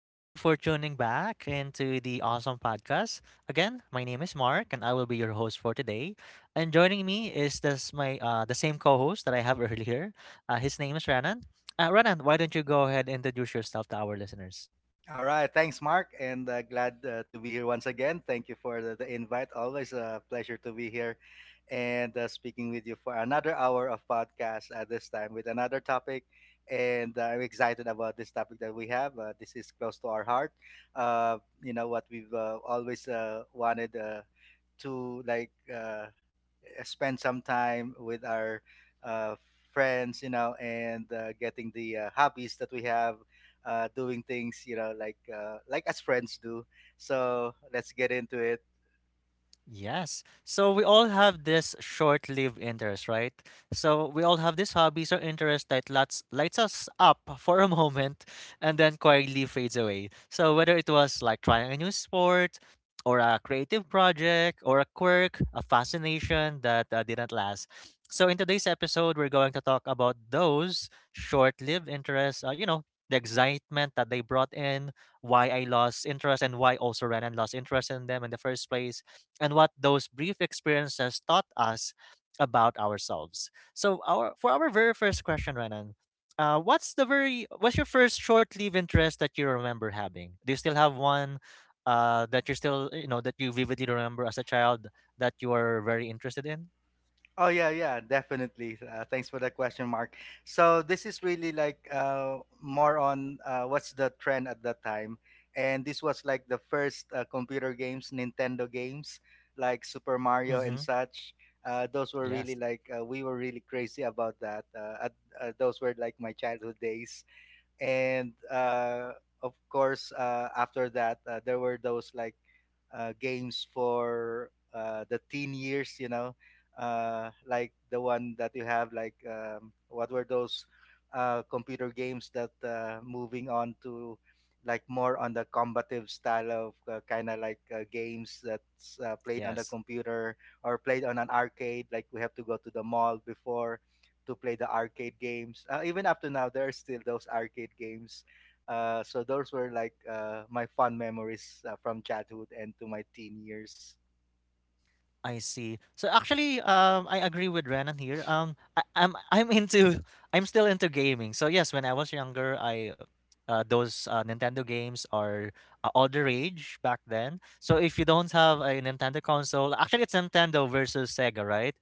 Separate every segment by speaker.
Speaker 1: Thank you for tuning back into the awesome podcast. Again, my name is Mark, and I will be your host for today. And joining me is this my the same co-host that I have earlier. His name is Ranan. Ranan, why don't you go ahead and introduce yourself to our listeners?
Speaker 2: All right. Thanks, Mark. And glad to be here once again. Thank you for the invite. Always a pleasure to be here, and speaking with you for another hour of podcast at this time with another topic. And I'm excited about this topic that we have. This is close to our heart. Uh, you know, what we've always wanted to spend some time with our uh, friends, you know, and getting the hobbies that we have, doing things, you know, like as friends do. So let's get into it.
Speaker 1: Yes. So we all have this short-lived interest, right? So we all have these hobbies or interests that lights us up for a moment and then quietly fades away. So whether it was like trying a new sport or a creative project or a quirk, a fascination that didn't last. So in today's episode, we're going to talk about those short-lived interests, the excitement that they brought in, why I lost interest and why also ran and lost interest in them in the first place and what those brief experiences taught us about ourselves. So our for our very first question, Renan, what's the very what's your first short-lived interest that you remember having? Do you still have one that you're still you know that you vividly remember as a child that you are very interested in?
Speaker 2: Oh, yeah, yeah, definitely. Thanks for that question, Mark. So this is really more on what's the trend at that time, and this was like the first computer games, Nintendo games, like Super Mario
Speaker 1: Mm-hmm.
Speaker 2: and such. Those were really
Speaker 1: Yes.
Speaker 2: like We were really crazy about that. Those were like my childhood days, and of course, after that, there were those games for the teen years, you know, like the one that you have, what were those computer games that moving on to like more on the combative style of kind of games that's played on the
Speaker 1: Yes.
Speaker 2: computer or played on an arcade. Like we have to go to the mall before to play the arcade games. Even up to now, there are still those arcade games, so those were my fond memories from childhood and to my teen years.
Speaker 1: I see. So actually, I agree with Renan here. I'm I'm into I'm still into gaming. So yes, when I was younger, I those Nintendo games are all the rage back then. So if you don't have a Nintendo console, actually it's Nintendo versus Sega, right?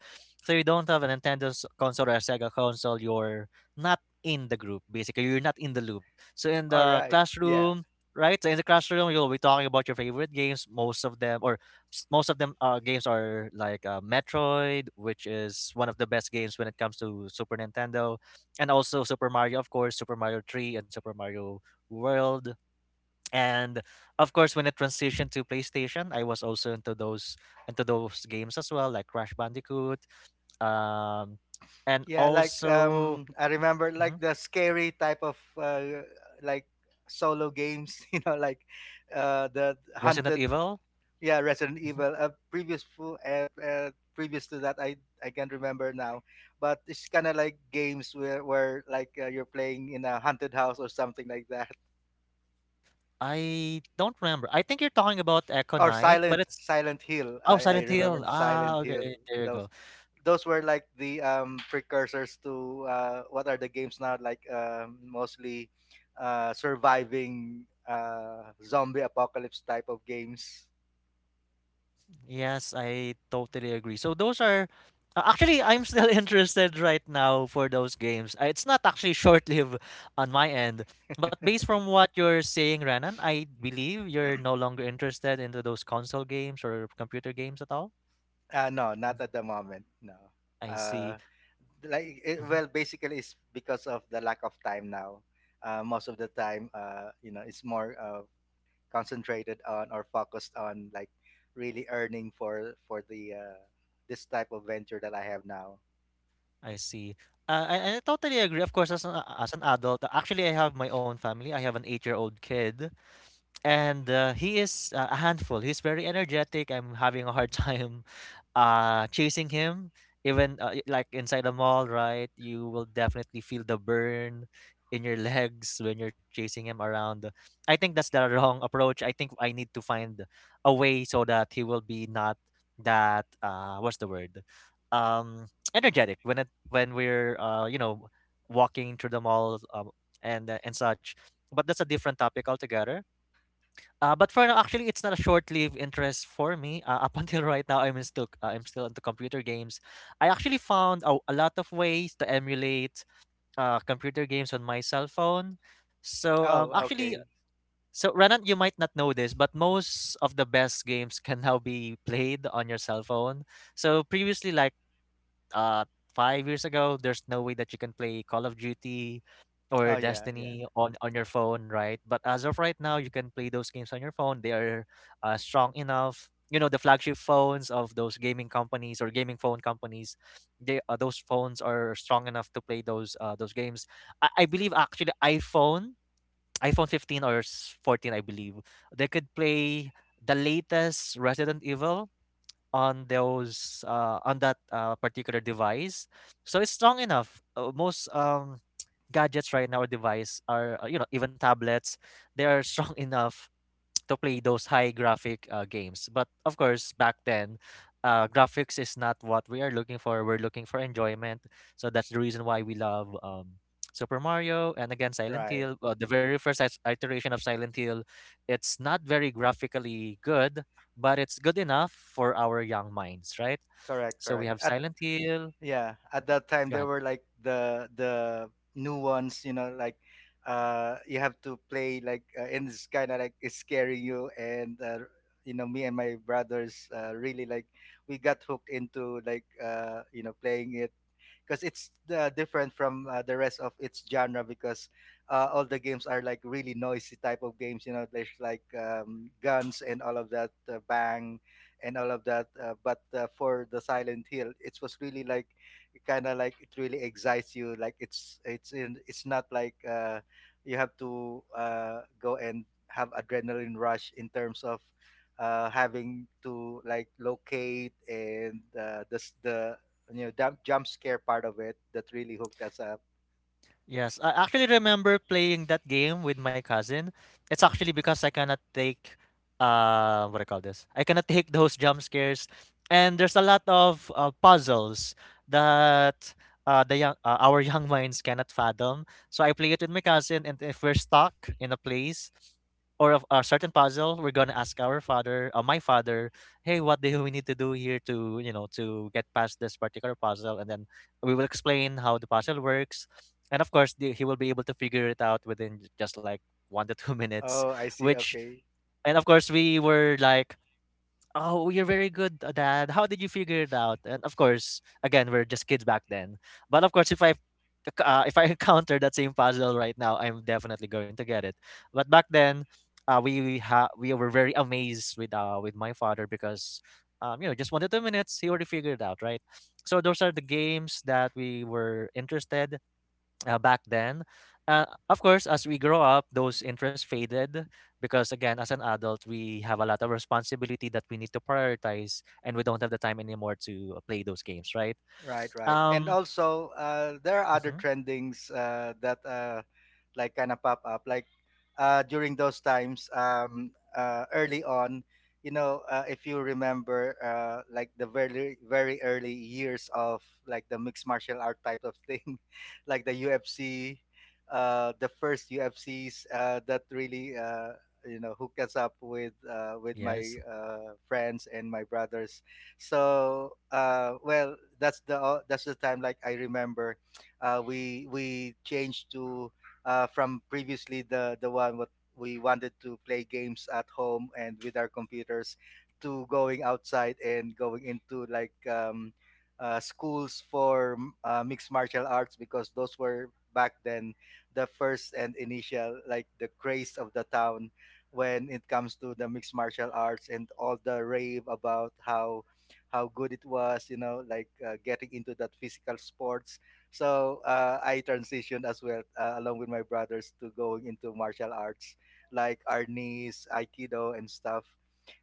Speaker 1: So you don't have a console or a Sega console, you're not in the group. Basically, you're not in the loop.
Speaker 2: All right. Yeah.
Speaker 1: Right? So in the classroom, you'll be talking about your favorite games, most of them, or most of them games are like Metroid, which is one of the best games when it comes to Super Nintendo, and also Super Mario, of course, Super Mario 3 and Super Mario World. And of course, when it transitioned to PlayStation, I was also into those games as well, like Crash Bandicoot, um, and
Speaker 2: Yeah.
Speaker 1: also
Speaker 2: I remember
Speaker 1: mhm,
Speaker 2: like the scary type of like solo games. You know, the
Speaker 1: Resident
Speaker 2: hunted.
Speaker 1: Evil.
Speaker 2: Yeah, Resident
Speaker 1: Mhm.
Speaker 2: Evil. Previous to that, I can't remember now. But it's kind of like games where you're playing in a haunted house or something like that,
Speaker 1: I don't remember. I think you're talking about Echo
Speaker 2: or
Speaker 1: Knight, but
Speaker 2: Silent
Speaker 1: it's
Speaker 2: Silent Hill.
Speaker 1: oh
Speaker 2: I
Speaker 1: Silent
Speaker 2: remember
Speaker 1: Hill. Ah,
Speaker 2: Silent Hill.
Speaker 1: okay, there you go.
Speaker 2: Those those were like the precursors to what are the games now, like mostly surviving zombie apocalypse type of games.
Speaker 1: Yes, I totally agree. So those are actually I'm still interested right now for those games. It's not actually short-lived on my end, but based from what you're saying, Renan, I believe you're no longer interested into those console games or computer games at all.
Speaker 2: No, not at the moment. No.
Speaker 1: I see.
Speaker 2: Uh, like it,
Speaker 1: Mhm.
Speaker 2: well basically it's because of the lack of time now. Most of the time, you know, it's more concentrated on or focused on, like, really earning for the, this type of venture that I have now.
Speaker 1: I see. I totally agree. Of course, as an adult, actually, I have my own family. I have an eight-year-old kid. And he is a handful. He's very energetic. I'm having a hard time chasing him. Even like inside the mall, right? You will definitely feel the burn in your legs when you're chasing him around. I think that's the wrong approach. I think I need to find a way so that he will be not that what's the word? Um, energetic when we're walking through the mall and such. But that's a different topic altogether, but for now, actually, it's not a short-lived interest for me. Up until right now, I'm still into computer games. I actually found a lot of ways to emulate computer games on my cell phone. So um,
Speaker 2: Oh,
Speaker 1: actually,
Speaker 2: okay.
Speaker 1: so Renan, you might not know this, but most of the best games can now be played on your cell phone. So previously, like uh 5 years ago, there's no way that you can play Call of Duty or
Speaker 2: Oh, yeah, yeah.
Speaker 1: Destiny on your phone, right? But as of right now, you can play those games on your phone. They are strong enough. You know, the flagship phones of those gaming companies or gaming phone companies, they those phones are strong enough to play those games. I believe actually iPhone 15 or 14, I believe they could play the latest Resident Evil on those on that particular device so it's strong enough most gadgets right now or device are you know even tablets they are strong enough to play those high graphic games. But of course, back then, graphics is not what we are looking for. We're looking for enjoyment. So that's the reason why we love Super Mario and again Silent
Speaker 2: Right.
Speaker 1: Hill. The very first iteration of Silent Hill, it's not very graphically good, but it's good enough for our young minds, right?
Speaker 2: Correct,
Speaker 1: So we
Speaker 2: correct.
Speaker 1: have
Speaker 2: At
Speaker 1: Silent Hill.
Speaker 2: yeah, at that time
Speaker 1: Go
Speaker 2: there
Speaker 1: ahead.
Speaker 2: were like the new ones, you know, you have to play and it's kind of like it's scaring you, and you know, me and my brothers, really like we got hooked into you know playing it, because it's different from the rest of its genre, because all the games are like really noisy type of games, you know, there's guns and all of that, bang and all of that, but for the Silent Hill it was really like kind of like it really excites you, like it's not you have to, go and have adrenaline rush in terms of having to like locate, and the, you know, jump scare part of it that really hooked us up.
Speaker 1: Yes, I actually remember playing that game with my cousin. It's actually because I cannot take what do I call this? I cannot take those jump scares, and there's a lot of puzzles that the young our young minds cannot fathom. So I play it with my cousin, and if we're stuck in a place or of a certain puzzle, we're gonna ask our father, my father, hey, what do we need to do here to to get past this particular puzzle, and then we will explain how the puzzle works and of course he will be able to figure it out within just like one to 2 minutes
Speaker 2: Oh, I see.
Speaker 1: which
Speaker 2: Okay.
Speaker 1: And of course we were like, "Oh, you're very good, Dad. How did you figure it out?" And of course, again, we're just kids back then. But of course, if I encounter that same puzzle right now, I'm definitely going to get it. But back then, we were very amazed with my father because you know just 1 to 2 minutes he already figured it out, right? So those are the games that we were interested back then. Uh, of course, as we grow up, those interests faded because, again, as an adult, we have a lot of responsibility that we need to prioritize, and we don't have the time anymore to play those games, right?
Speaker 2: Right, right. And
Speaker 1: Um,
Speaker 2: also, there are other
Speaker 1: mhm,
Speaker 2: trendings that like kind of pop up. Like during those times, early on, you know, if you remember, like the very, very early years of like the mixed martial art type of thing, like the UFC, the first UFCs that really, you know, hooked us up, with
Speaker 1: yes.
Speaker 2: my friends and my brothers. So well, that's the time. Like I remember, we changed to, from previously, the one what we wanted to play games at home and with our computers, to going outside and going into like, schools for mixed martial arts, because those were back then the first and initial, like, the craze of the town when it comes to the mixed martial arts and all the rave about how good it was, you know, like getting into that physical sports. So I transitioned as well, along with my brothers, to going into martial arts like Arnis, Aikido, and stuff.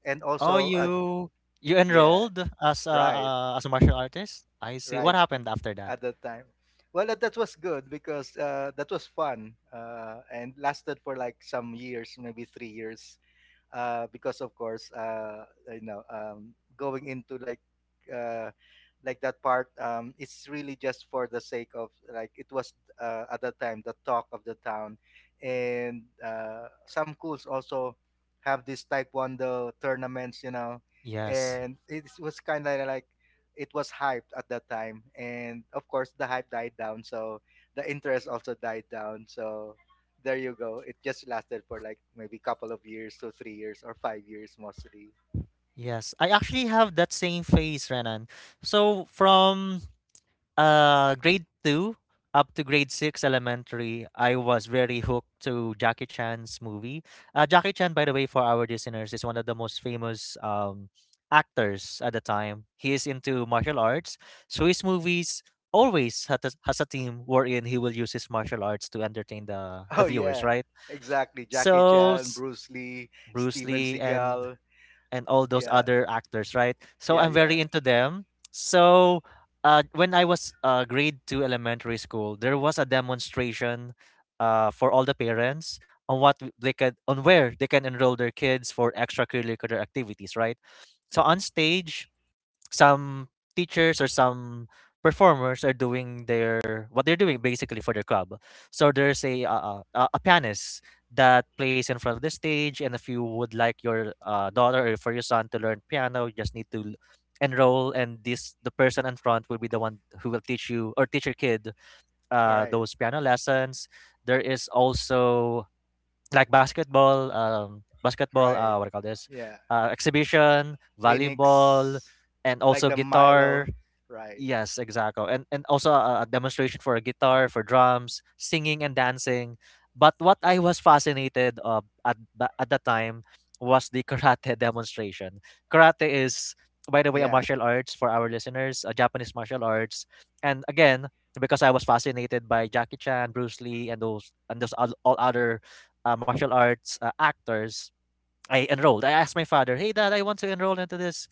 Speaker 2: And
Speaker 1: Oh,
Speaker 2: also,
Speaker 1: you
Speaker 2: yeah,
Speaker 1: enrolled
Speaker 2: right,
Speaker 1: as a martial artist? I see. What
Speaker 2: right,
Speaker 1: happened after that?
Speaker 2: at that time. Well, that was good because that was fun, and lasted for like some years, maybe 3 years. Because of course, you know, going into uh, like that part, it's really just for the sake of like it was, at that time, the talk of the town, and some schools also have these taekwondo tournaments, you know,
Speaker 1: Yes.
Speaker 2: and it was kind of like it was hyped at that time, and of course the hype died down, so the interest also died down, so there you go. It just lasted for like maybe couple of years, so 3 years or 5 years mostly.
Speaker 1: Yes. I actually have that same phase, Renan. From grade 2 up to grade 6 elementary, I was very hooked to Jackie Chan's movie. Jackie Chan, by the way, for our listeners, is one of the most famous actors at the time. He is into martial arts, so his movies always has has a theme wherein he will use his martial arts to entertain the
Speaker 2: Oh
Speaker 1: viewers,
Speaker 2: yeah,
Speaker 1: right?
Speaker 2: exactly. Jackie
Speaker 1: So
Speaker 2: Chan,
Speaker 1: s-
Speaker 2: Bruce Lee,
Speaker 1: Bruce
Speaker 2: Steven
Speaker 1: Lee
Speaker 2: Seagal.
Speaker 1: and all those
Speaker 2: Yeah,
Speaker 1: other actors, right? So
Speaker 2: yeah,
Speaker 1: I'm
Speaker 2: yeah.
Speaker 1: very into them. So when I was grade two elementary school, there was a demonstration for all the parents on what w- they could on where they can enroll their kids for extracurricular activities, right? So on stage, some teachers or some performers are doing their what they're doing basically for their club. So there's a pianist that plays in front of the stage, and if you would like your daughter or for your son to learn piano, you just need to enroll, and this the person in front will be the one who will teach you or teach your kid
Speaker 2: Right,
Speaker 1: those piano lessons. There is also like basketball, basketball,
Speaker 2: right.
Speaker 1: what do you call this?
Speaker 2: Yeah,
Speaker 1: Exhibition, volleyball,
Speaker 2: clinics
Speaker 1: and
Speaker 2: like
Speaker 1: also
Speaker 2: the
Speaker 1: guitar.
Speaker 2: Milo. Right.
Speaker 1: Yes, exactly. And also a demonstration for a guitar, for drums, singing and dancing. But what I was fascinated of at at the time was the karate demonstration. Karate is, by the way, a
Speaker 2: Yeah.
Speaker 1: martial arts for our listeners, a Japanese martial arts. And again, because I was fascinated by Jackie Chan, Bruce Lee, and those all other martial arts actors, I enrolled. I asked my father, "Hey Dad, I want to enroll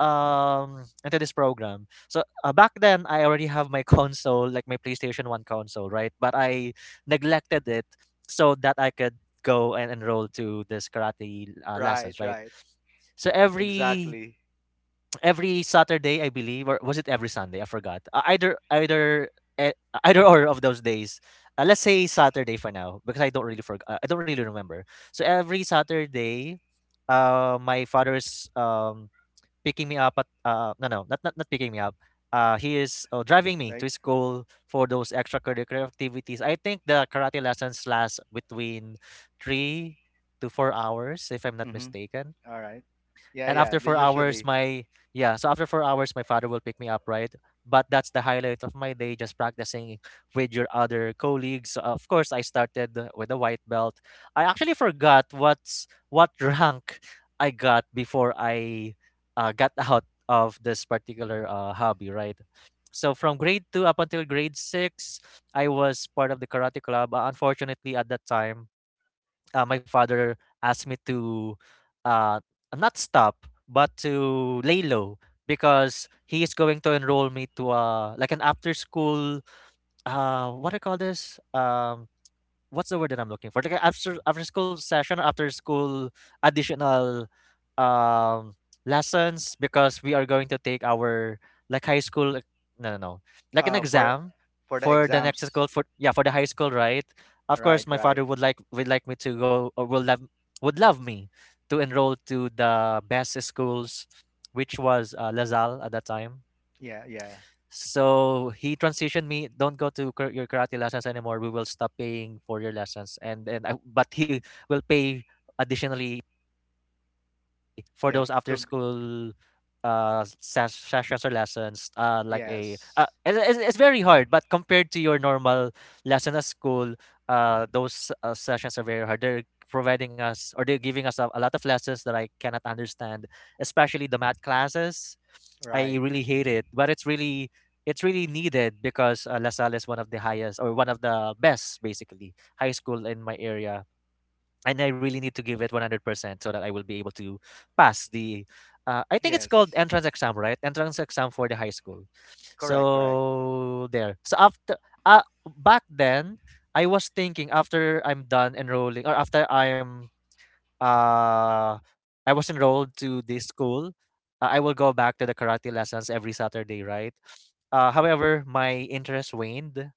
Speaker 1: into this program." So back then I already have my console, like my PlayStation 1 console, right? But I neglected it so that I could go and enroll to this karate lessons,
Speaker 2: Right.
Speaker 1: right?
Speaker 2: Right.
Speaker 1: So
Speaker 2: Exactly.
Speaker 1: every Saturday, I believe, or was it every Sunday? I forgot. Either eh, either or of those days. Let's say Saturday for now because I don't really I don't really remember. So every Saturday my father's picking me up at no not picking me up. He is driving me to
Speaker 2: Like.
Speaker 1: school for those extracurricular activities. I think the karate lessons last between 3 to 4 hours, if I'm not
Speaker 2: Mm-hmm.
Speaker 1: mistaken,
Speaker 2: All right. Yeah.
Speaker 1: and
Speaker 2: Yeah.
Speaker 1: after
Speaker 2: The
Speaker 1: 4 hours
Speaker 2: usually.
Speaker 1: my, yeah, so after 4 hours my father will pick me up, right? But that's the highlight of my day, just practicing with your other colleagues. So, of course, I started with a white belt. I actually forgot what's what rank I got before I got out of this particular hobby, right? So from grade 2 up until grade 6, I was part of the karate club. Unfortunately, at that time, my father asked me to, uh, not stop but to lay low, because he is going to enroll me to, like an after school what do you call this, what's the word that I'm looking for? Like a after school session, after school additional, um lessons, because we are going to take our, like, high school like-, no, no, no, like an
Speaker 2: Uh, for
Speaker 1: exam
Speaker 2: for the
Speaker 1: for the next
Speaker 2: exams.
Speaker 1: school, for, yeah, for the high school, right? Of course,
Speaker 2: Right.
Speaker 1: my
Speaker 2: Right.
Speaker 1: father would like me to go, or would love me to enroll to the best schools, which was Lazal at that time.
Speaker 2: Yeah. Yeah.
Speaker 1: So he transitioned me, "Don't go to kar- your karate lessons anymore. We will stop paying for your lessons," and I, but he will pay additionally for
Speaker 2: Yeah.
Speaker 1: those after
Speaker 2: To
Speaker 1: school sessions or lessons, like a, uh,
Speaker 2: yes.
Speaker 1: it- it's, it's very hard, but compared to your normal lesson at school, those sessions are very hard. They're providing us, or they're giving us, a lot of lessons that I cannot understand, especially the math classes. I
Speaker 2: Right.
Speaker 1: really hate it, but it's really needed because LaSalle is one of the highest, or one of the best, basically, high school in my area, and I really need to give it 100% so that I will be able to pass the, I think it's called,
Speaker 2: Yes.
Speaker 1: entrance exam, right? Entrance exam for the high school.
Speaker 2: Correct. Correct.
Speaker 1: So there. So after, uh, back then, I was thinking, after I'm done enrolling, or after uh I was enrolled to this school, I will go back to the karate lessons every Saturday, right? However, my interest waned,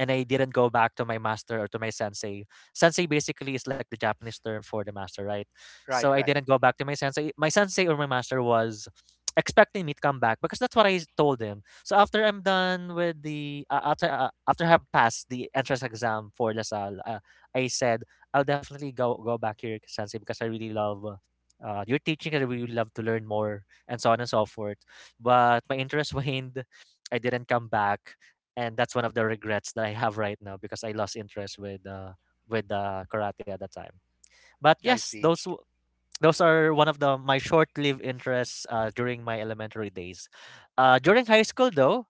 Speaker 1: and I didn't go back to my master or to my sensei. Sensei basically is like the Japanese term for the master, right? So
Speaker 2: Right.
Speaker 1: I
Speaker 2: Right.
Speaker 1: didn't go back to my sensei. My sensei or my master was expecting me to come back because that's what I told him. So after I'm done with the after after I have passed the entrance exam for LaSalle, I said I'll definitely go back here, sensei, because I really love. Your teaching, and I really love to learn more and so on and so forth. But my interest waned. I didn't come back, and that's one of the regrets that I have right now because I lost interest with karate at that time. But
Speaker 2: I
Speaker 1: yes,
Speaker 2: see.
Speaker 1: those are one of the my short-lived interests during my elementary days. During high school, though,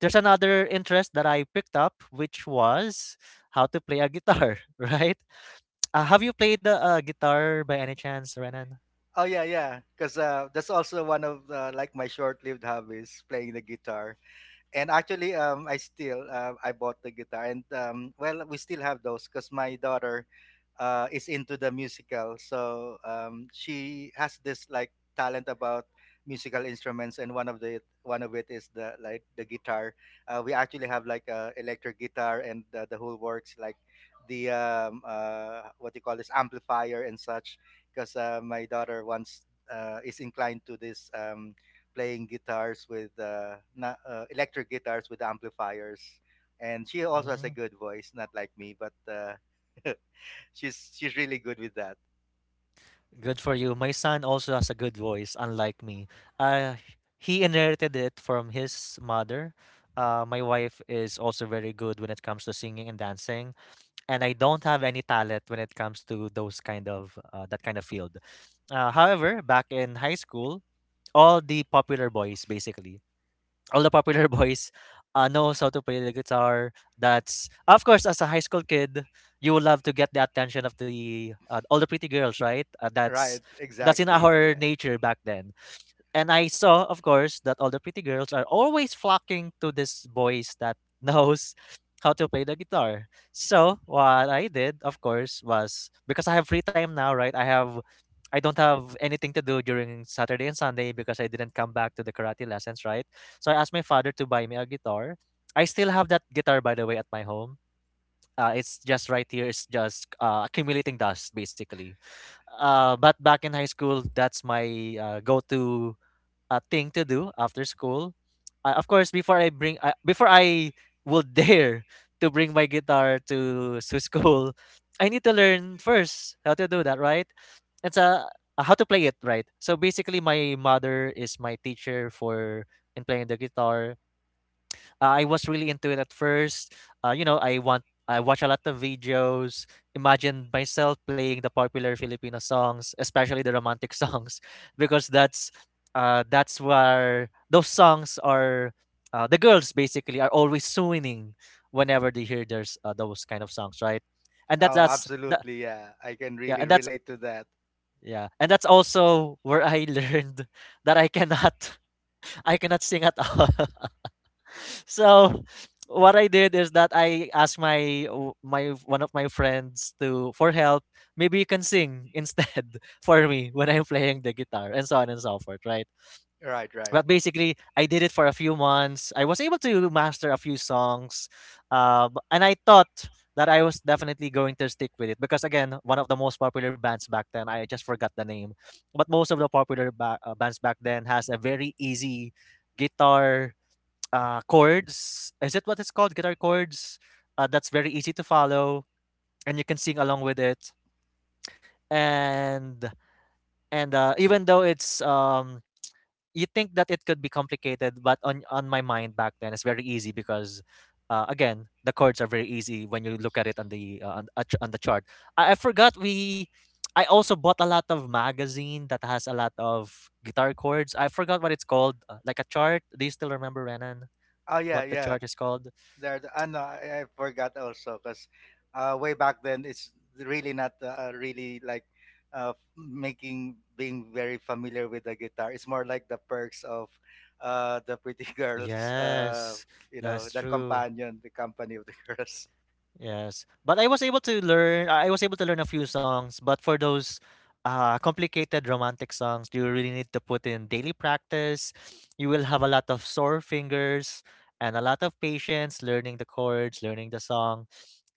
Speaker 1: there's another interest that I picked up, which was how to play a guitar. Right? Have you played a guitar by any chance, Renan?
Speaker 2: Oh yeah, yeah. Because that's also one of like my short-lived hobbies, playing the guitar. And actually, I still, I bought the guitar, and well, we still have those because my daughter is into the musical. So she has this like talent about musical instruments, and one of it is the guitar. We actually have like a electric guitar and the whole works, like the, what do you call this, amplifier and such. Because my daughter once is inclined to this. Playing guitars with na electric guitars with amplifiers, and she also has a
Speaker 1: Mm.
Speaker 2: good voice, not like me, but she's really good with that.
Speaker 1: Good for you. My son also has a good voice, unlike me. Uh, he inherited it from his mother. My wife is also very good when it comes to singing and dancing, and I don't have any talent when it comes to those kind of that kind of field. However, back in high school, all the popular boys basically all the popular boys knows how to play the guitar. That's, of course, as a high school kid, you would love to get the attention of the all the pretty girls, right? That's
Speaker 2: Right,
Speaker 1: that's in
Speaker 2: exactly.
Speaker 1: our
Speaker 2: Yeah.
Speaker 1: nature back then. And I saw, of course, that all the pretty girls are always flocking to this boys that knows how to play the guitar. So what I did, of course, was because I have free time now, right? I don't have anything to do during Saturday and Sunday because I didn't come back to the karate lessons, right? So I asked my father to buy me a guitar. I still have that guitar, by the way, at my home. It's just right here. It's just accumulating dust, basically. But back in high school, that's my go-to thing to do after school. Of course, before I would dare to bring my guitar to school, I need to learn first how to do that, right? It's a, how to play it, right? So, basically, my mother is my teacher for, in playing the guitar. I was really into it at first. I watch a lot of videos, imagine myself playing the popular Filipino songs, especially the romantic songs, because that's where those songs are. The girls basically are always swooning whenever they hear there's those kind of songs, right? And that's
Speaker 2: Oh,
Speaker 1: that's that,
Speaker 2: absolutely. Yeah. I can
Speaker 1: yeah,
Speaker 2: really
Speaker 1: and that's,
Speaker 2: relate to that.
Speaker 1: yeah, and that's also where I learned that I cannot I cannot sing at all, so what I did is that I asked my one of my friends to for help. Maybe you can sing instead for me when I'm playing the guitar and so on and so forth, right?
Speaker 2: Right, right.
Speaker 1: But basically, I did it for a few months. I was able to master a few songs, and I thought that I was definitely going to stick with it because, again, one of the most popular bands back then. I just forgot the name, but most of the popular bands back then has a very easy guitar, chords. Is it what it's called? Guitar chords. That's very easy to follow, and you can sing along with it. And and even though it's you think that it could be complicated, but on my mind back then, it's very easy because. Again, the chords are very easy when you look at it on the chart. I forgot we. I also bought a lot of magazine that has a lot of guitar chords. I forgot what it's called, like a chart. Do you still remember, Renan?
Speaker 2: Oh, yeah,
Speaker 1: What the
Speaker 2: yeah.
Speaker 1: chart is called?
Speaker 2: I know, I forgot also because way back then it's really not really making being very familiar with the guitar. It's more like the perks of the pretty girls,
Speaker 1: Yes,
Speaker 2: you know,
Speaker 1: that's
Speaker 2: the
Speaker 1: true.
Speaker 2: companion, the company of the girls.
Speaker 1: Yes, but I was able to learn. I was able to learn a few songs, but for those complicated romantic songs, you really need to put in daily practice. You will have a lot of sore fingers and a lot of patience learning the chords, learning the song,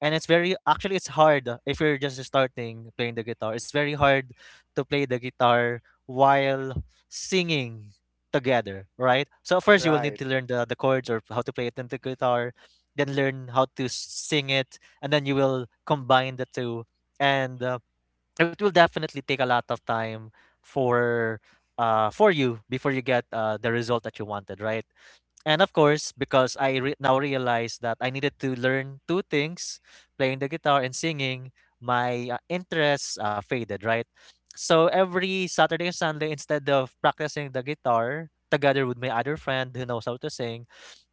Speaker 1: and it's very actually it's hard, if you're just starting playing the guitar. It's very hard to play the guitar while singing together, right? So, first, you will need
Speaker 2: Right.
Speaker 1: to learn the chords or how to play it in the guitar, then learn how to sing it, and then you will combine the two. And it will definitely take a lot of time for for you before you get the result that you wanted, right? And, of course, because now realize that I needed to learn two things, playing the guitar and singing, my interests faded, right? So every Saturday and Sunday, instead of practicing the guitar together with my other friend who knows how to sing,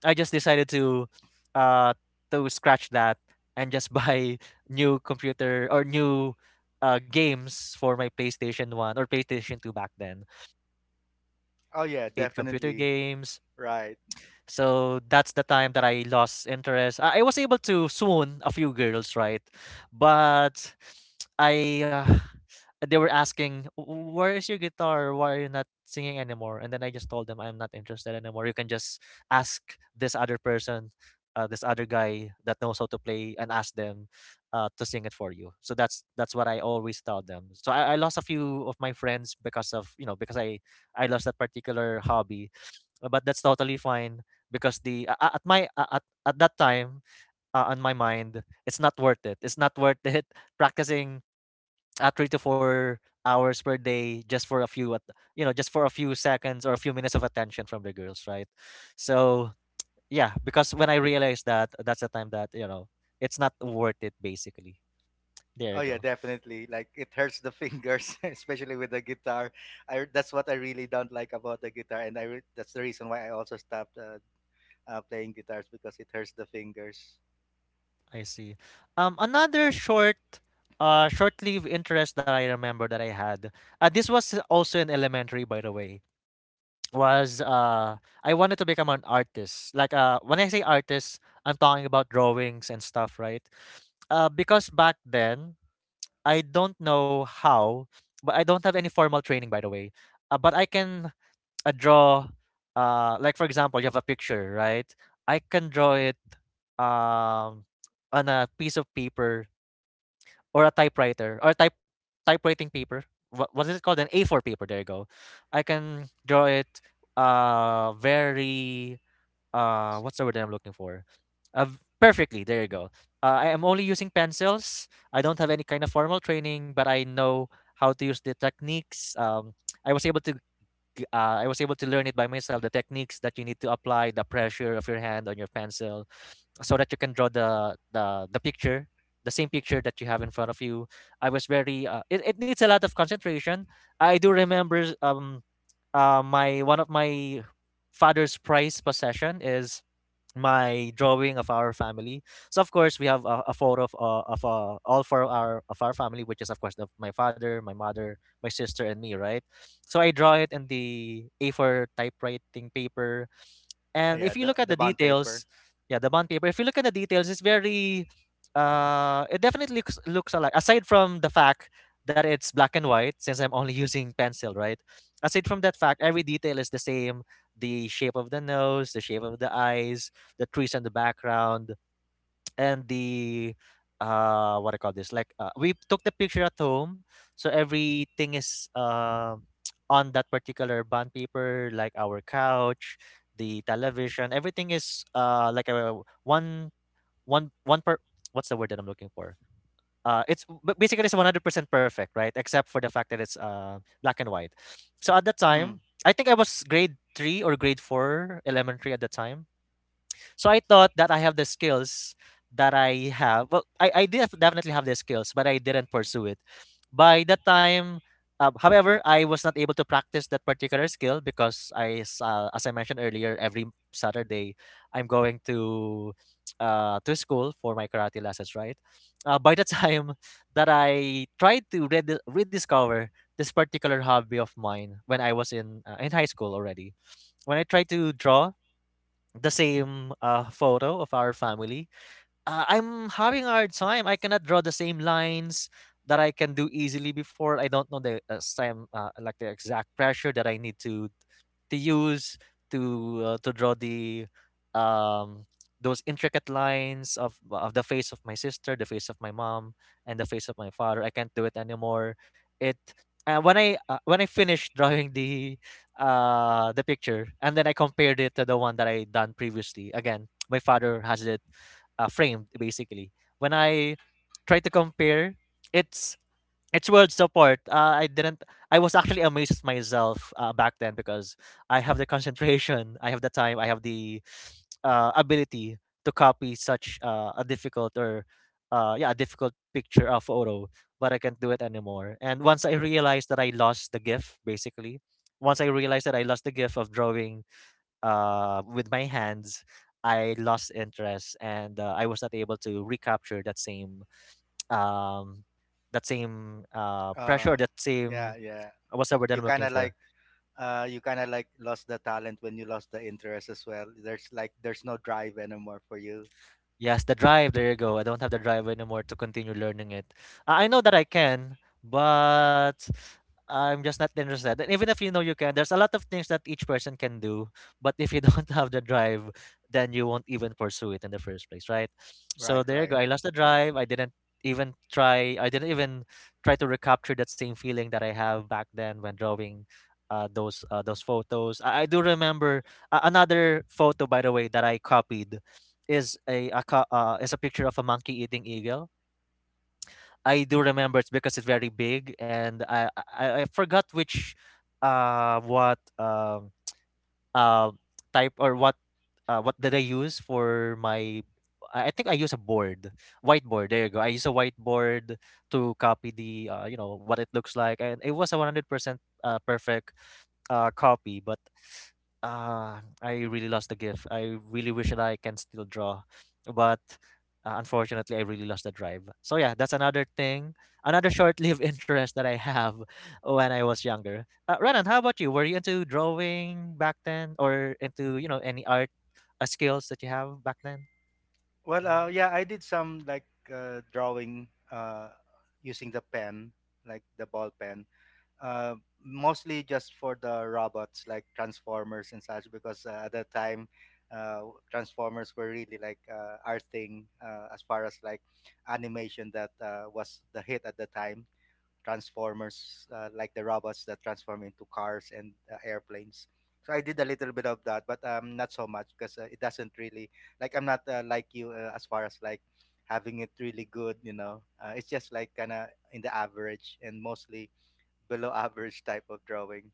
Speaker 1: I just decided uh, to scratch that and just buy new computer or new games for my PlayStation 1 or PlayStation 2 back then.
Speaker 2: Oh, yeah,
Speaker 1: Played computer
Speaker 2: definitely.
Speaker 1: games,
Speaker 2: Right.
Speaker 1: so that's the time that I lost interest. I was able to swoon a few girls, right? But I they were asking, "W- Where is your guitar? Why are you not singing anymore?" And then I just told them, "I'm not interested anymore. You can just ask this other person, this other guy that knows how to play, and ask them, to sing it for you." So that's what I always tell them. So I lost a few of my friends because of you know because I lost that particular hobby. But that's totally fine because the at my at that time, on my mind, it's not worth it. It's not worth it practicing at 3 to 4 hours per day, just for a few seconds or a few minutes of attention from the girls, right? So, yeah, because when I realized that, that's the time that, it's not worth it. Basically, there
Speaker 2: Oh
Speaker 1: you
Speaker 2: yeah,
Speaker 1: go.
Speaker 2: definitely. Like it hurts the fingers, especially with the guitar. I That's what I really don't like about the guitar, and that's the reason why I also stopped playing guitars because it hurts the fingers.
Speaker 1: I see. Another short short-lived interest that I remember that I had. This was also in elementary, by the way. Was I wanted to become an artist. Like when I say artist, I'm talking about drawings and stuff, right? Because back then, I don't know how, but I don't have any formal training, by the way. But I can draw like, for example, you have a picture, right? I can draw it um on a piece of paper or a typewriter or typewriting paper. What is it called? An A4 paper. There you go. I can draw it very what's the word that I'm looking for? Perfectly. There you go. I am only using pencils. I don't have any kind of formal training, but I know how to use the techniques. I was able to I was able to learn it by myself. The techniques that you need to apply, the pressure of your hand on your pencil, so that you can draw the picture, the same picture that you have in front of you. I was very it needs a lot of concentration. I do remember my one of my father's prized possession is my drawing of our family. So of course we have a photo of all 4 of our family, which is, of course, my father, my mother, my sister, and me, right? So I draw it in the A4 typewriting paper,
Speaker 2: Oh
Speaker 1: and
Speaker 2: yeah,
Speaker 1: if you
Speaker 2: the
Speaker 1: look at
Speaker 2: the
Speaker 1: the
Speaker 2: bond paper.
Speaker 1: details, yeah, the bond paper. If you look at the details, it's very, it definitely looks alike. Aside from the fact that it's black and white, since I'm only using pencil, right? Aside from that fact, every detail is the same. The shape of the nose, the shape of the eyes, the trees in the background, and the what I call this, like, we took the picture at home, so everything is on that particular bond paper, like our couch, the television, everything is like a one one one per what's the word that I'm looking for? It's, but basically, it's 100% perfect, right? Except for the fact that it's black and white. So at that
Speaker 2: Mm.
Speaker 1: time, I think I was grade 3 or grade 4 elementary at the time. So I thought that I have the skills that I have. Well, I did definitely have the skills, but I didn't pursue it. By that time, however, I was not able to practice that particular skill because as I mentioned earlier, every Saturday I'm going to school for my karate lessons. Right. By the time that I tried to rediscover this particular hobby of mine when I was in high school already, when I tried to draw the same photo of our family, I'm having a hard time. I cannot draw the same lines that I can do easily before. I don't know the same like the exact pressure that I need to use to draw the um those intricate lines of the face of my sister, the face of my mom, and the face of my father. I can't do it anymore. It When I when I finished drawing the picture and then I compared it to the one that I done previously. Again, my father has it framed, basically. When I try to compare, it's it's worlds apart. I didn't. I was actually amazed at myself back then because I have the concentration, I have the time, I have the ability to copy such a difficult or yeah, a difficult picture of photo, but I can't do it anymore. And once I realized that I lost the gift, basically, once I realized that I lost the gift of drawing with my hands, I lost interest, and I was not able to recapture that same um, that same pressure,
Speaker 2: Uh,
Speaker 1: that same
Speaker 2: yeah, yeah.
Speaker 1: what's the word that I'm
Speaker 2: You
Speaker 1: looking
Speaker 2: kind of
Speaker 1: for?
Speaker 2: like, you kind of like lost the talent when you lost the interest as well. There's no drive anymore for you.
Speaker 1: Yes, the drive. There you go. I don't have the drive anymore to continue learning it. I know that I can, but I'm just not interested. And even if you know you can, there's a lot of things that each person can do, but if you don't have the drive, then you won't even pursue it in the first place, right? So
Speaker 2: Right,
Speaker 1: there you
Speaker 2: right.
Speaker 1: go. I lost the drive. I didn't even try. I didn't even try to recapture that same feeling that I have back then when drawing. Those photos. I do remember another photo, by the way, that I copied is is a picture of a monkey eating eagle. I do remember it's because it's very big, and I forgot which what uh, type or what did I use for my I think I use a board, whiteboard. There you go. I use a whiteboard to copy the you know what it looks like, and it was a 100% perfect copy, but I really lost the gift. I really wish that I can still draw, but unfortunately, I really lost the drive. So yeah, that's another thing, another short-lived interest that I have when I was younger. Renan, how about you? Were you into drawing back then or into, you know, any art skills that you have back then?
Speaker 2: Well,
Speaker 1: Mhm.
Speaker 2: yeah, I did some like drawing, using the pen, like the ball pen, uh, mostly just for the robots like Transformers and such because at that time uh, Transformers were really like our thing, as far as like animation that was the hit at the time. Transformers, like the robots that transform into cars and airplanes. So I did a little bit of that, but not so much because it doesn't really like I'm not like you, as far as like having it really good. You know, it's just like kind of in the average and mostly below average type of drawing.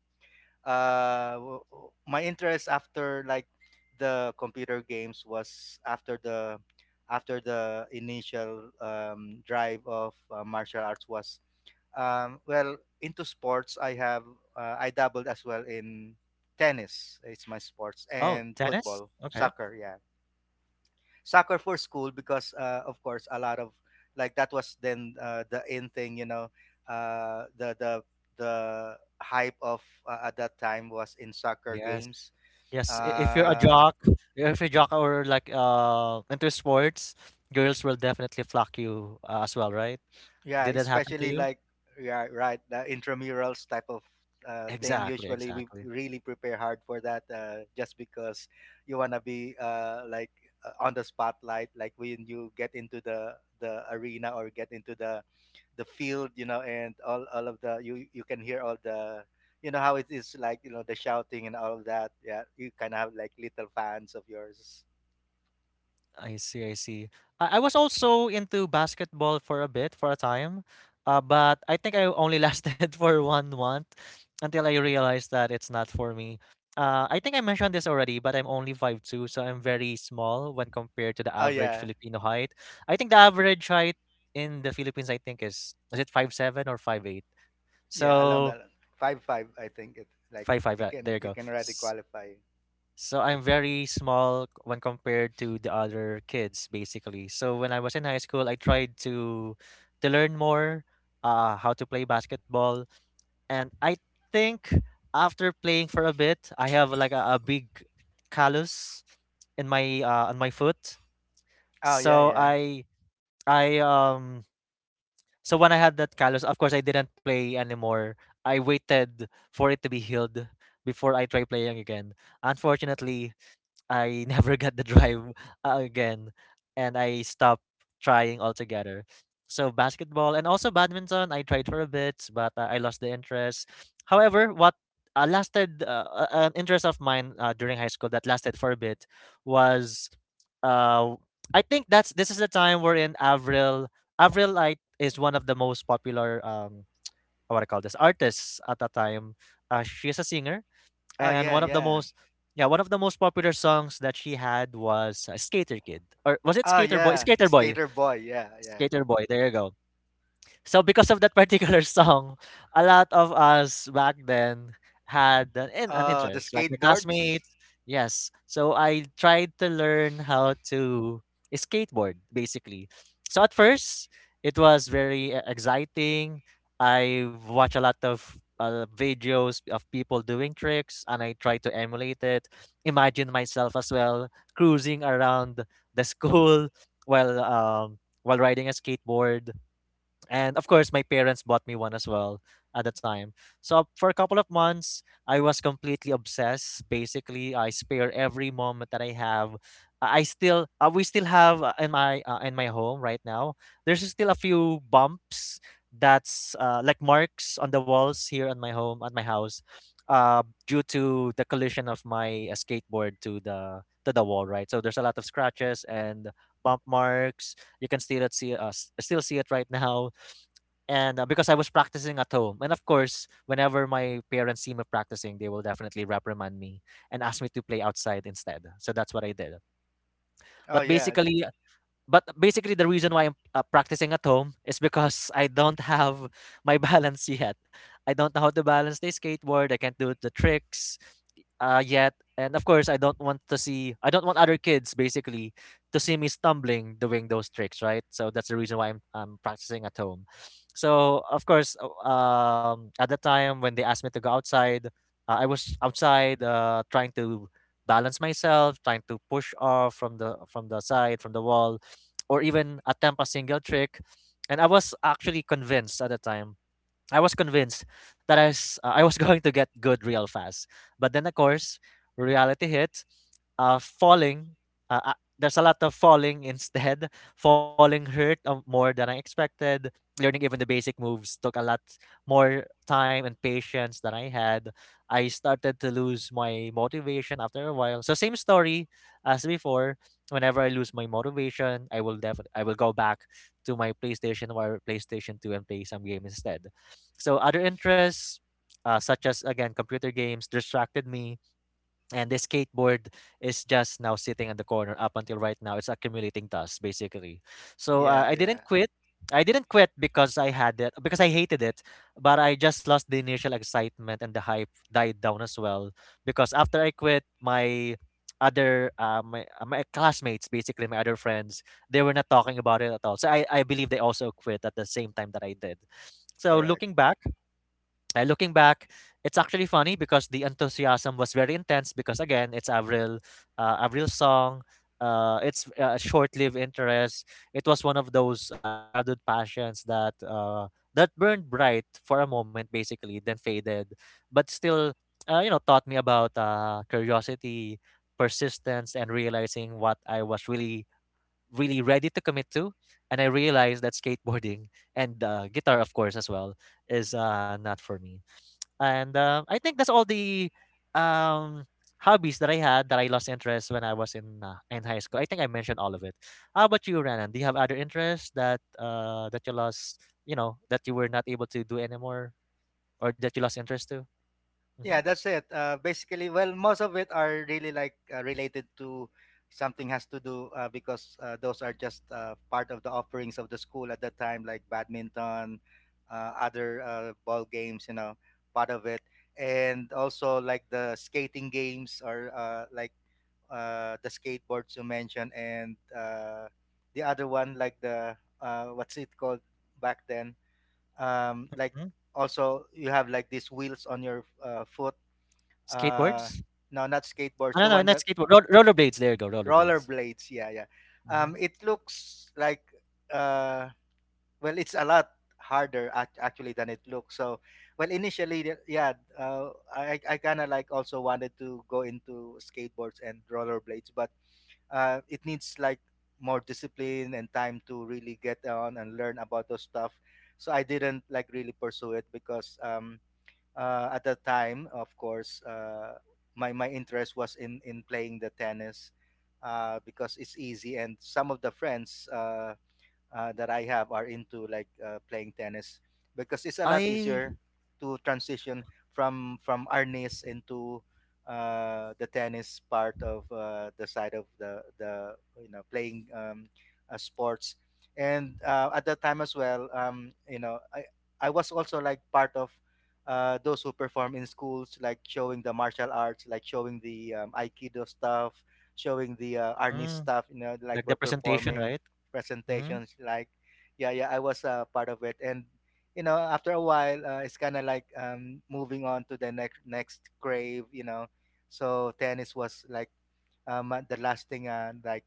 Speaker 2: My interest after like the computer games was after the initial, drive of martial arts was, well, into sports. I dabbled as well in tennis. It's my sports
Speaker 1: Oh,
Speaker 2: and
Speaker 1: tennis,
Speaker 2: football,
Speaker 1: okay.
Speaker 2: soccer. Yeah, soccer for school because of course a lot of, like, that was then the in thing, you know, uh, the the the hype of at that time was in soccer
Speaker 1: Yes.
Speaker 2: games,
Speaker 1: Yes, if you're a
Speaker 2: uh,
Speaker 1: jock, if you're a jock or like into sports, girls will definitely flock you, as well, right?
Speaker 2: Yeah,
Speaker 1: Did that happen to
Speaker 2: especially
Speaker 1: you?
Speaker 2: like yeah, right, the intramurals type of thing.
Speaker 1: Exactly,
Speaker 2: Usually, we
Speaker 1: exactly.
Speaker 2: really prepare hard for that, just because you wanna be like, on the spotlight. Like when you get into the arena or get into the field, you know, and all of the, you can hear all the, you know, how it is, like, you know, the shouting and all of that. Yeah, you kind of have like little fans of yours.
Speaker 1: I see, I see. I was also into basketball for a bit, for a time, but I think I only lasted for 1 month until I realized that it's not for me. I think I mentioned this already, but I'm only 5'2", so I'm very small when compared to the
Speaker 2: Oh
Speaker 1: average
Speaker 2: yeah.
Speaker 1: Filipino height. I think the average height in the Philippines, I think, is it 5'7" or 5'8"?
Speaker 2: Yeah, along
Speaker 1: So
Speaker 2: that 5'5", I think it's like
Speaker 1: 5'5". Yeah, there you
Speaker 2: you
Speaker 1: go.
Speaker 2: can already
Speaker 1: S-
Speaker 2: qualify.
Speaker 1: so I'm very small when compared to the other kids, basically. So when I was in high school, I tried to learn more how to play basketball, and I think after playing for a bit, I have like a big callus in my on my foot.
Speaker 2: Oh yeah,
Speaker 1: So
Speaker 2: yeah.
Speaker 1: I so when I had that callus, of course I didn't play anymore. I waited for it to be healed before I try playing again. Unfortunately, I never got the drive again, and I stopped trying altogether. So basketball and also badminton, I tried for a bit, but I lost the interest. However, what lasted an interest of mine during high school that lasted for a bit was, uh, I think that's this is the time we're in Avril. Avril Light is one of the most popular what I call this artists at the time. She's a singer
Speaker 2: Oh
Speaker 1: and
Speaker 2: yeah,
Speaker 1: one of the
Speaker 2: yeah.
Speaker 1: most yeah one of the most popular songs that she had was skater kid or was it
Speaker 2: Oh
Speaker 1: skater boy,
Speaker 2: yeah,
Speaker 1: skater boy,
Speaker 2: skater boy. Yeah, yeah.
Speaker 1: skater boy, there you go. So because of that particular song, a lot of us back then had an
Speaker 2: Oh, the
Speaker 1: interest, like my
Speaker 2: skateboards.
Speaker 1: classmates. Yes. So I tried to learn how to skateboard, basically. So at first, it was very exciting. I watched a lot of videos of people doing tricks, and I tried to emulate it. Imagine myself as well cruising around the school while um, while riding a skateboard. And of course, my parents bought me one as well at the time. So for a couple of months, I was completely obsessed. Basically, I spare every moment that I have. I still, we still have in my home right now. There's still a few bumps that's like marks on the walls here at my home at my house, due to the collision of my skateboard to the wall. Right, so there's a lot of scratches and bump marks. You can still see us still see it right now, and, because I was practicing at home, and of course, whenever my parents see me practicing, they will definitely reprimand me and ask me to play outside instead. So that's what I did.
Speaker 2: Oh
Speaker 1: But
Speaker 2: yeah,
Speaker 1: basically, but basically the reason why I'm practicing at home is because I don't have my balance yet. I don't know how to balance the skateboard. I can't do the tricks yet. And of course, I don't want other kids basically to see me stumbling doing those tricks, right? So that's the reason why I'm practicing at home. So, of course, at the time when they asked me to go outside, I was outside trying to balance myself, trying to push off from the side, from the wall or even attempt a single trick. And I was actually convinced at the time I was convinced that I was going to get good real fast. But then, of course, reality hit. Falling. Uh, uh, there's a lot of falling instead. Falling hurt more than I expected. Learning even the basic moves took a lot more time and patience than I had. I started to lose my motivation after a while. So same story as before. Whenever I lose my motivation, I will go back to my PlayStation or PlayStation 2 and play some game instead. So other interests, such as again computer games, distracted me, and the skateboard is just now sitting in the corner. Up until right now, it's accumulating dust basically. So
Speaker 2: yeah,
Speaker 1: I
Speaker 2: yeah.
Speaker 1: didn't quit. I didn't quit because I hated it, but I just lost the initial excitement and the hype died down as well. Because after I quit, my other my my classmates, basically my other friends, they were not talking about it at all. So I believe they also quit at the same time that I did. So
Speaker 2: Correct.
Speaker 1: looking back, it's actually funny because the enthusiasm was very intense because again, it's Avril's song. It's a short-lived interest. It was one of those childhood passions that that burned bright for a moment, basically, then faded, but still, you know, taught me about curiosity, persistence, and realizing what I was really, really ready to commit to. And I realized that skateboarding and guitar, of course, as well, is not for me. And, I think that's all the, um, hobbies that I had that I lost interest when I was in high school. I think I mentioned all of it. How about you, Renan? Do you have other interests that, that you lost, you know, that you were not able to do anymore or that you lost interest to? Hmm.
Speaker 2: Yeah, that's it. Basically, well, most of it are really like related to something has to do because those are just part of the offerings of the school at that time, like badminton, other ball games, you know, part of it, and also like the skating games or the skateboards you mentioned, and the other one like the what's it called back then? Like
Speaker 1: Mhm.
Speaker 2: also you have like these wheels on your foot. uh
Speaker 1: Skateboards?
Speaker 2: no not
Speaker 1: I
Speaker 2: skateboards,
Speaker 1: don't
Speaker 2: the
Speaker 1: know,
Speaker 2: one
Speaker 1: not
Speaker 2: that—
Speaker 1: skateboard. Rollerblades. There you go, rollerblades.
Speaker 2: rollerblades, yeah, yeah. um
Speaker 1: Hmm.
Speaker 2: it looks like— uh well, it's a lot harder actually than it looks. So, well, yeah, I kind of like also wanted to go into skateboards and rollerblades, but it needs like more discipline and time to really get on and learn about those stuff. So I didn't like really pursue it because at that time, of course, my interest was in playing the tennis, because it's easy, and some of the friends that I have are into like playing tennis because it's a lot
Speaker 1: I.
Speaker 2: easier to transition from arnis into the tennis part of the side of the you know playing sports. And at that time as well, you know, I was also like part of those who perform in schools, like showing the martial arts, like showing the aikido stuff, showing the
Speaker 1: Mm,
Speaker 2: arnis
Speaker 1: mm,
Speaker 2: stuff, you know, like
Speaker 1: like
Speaker 2: we're
Speaker 1: the presentation,
Speaker 2: performing
Speaker 1: right? Hmm.
Speaker 2: presentations like— yeah, yeah, I was part of it. And you know, after a while, it's kind of like moving on to the next crave, you know. So tennis was like the last thing like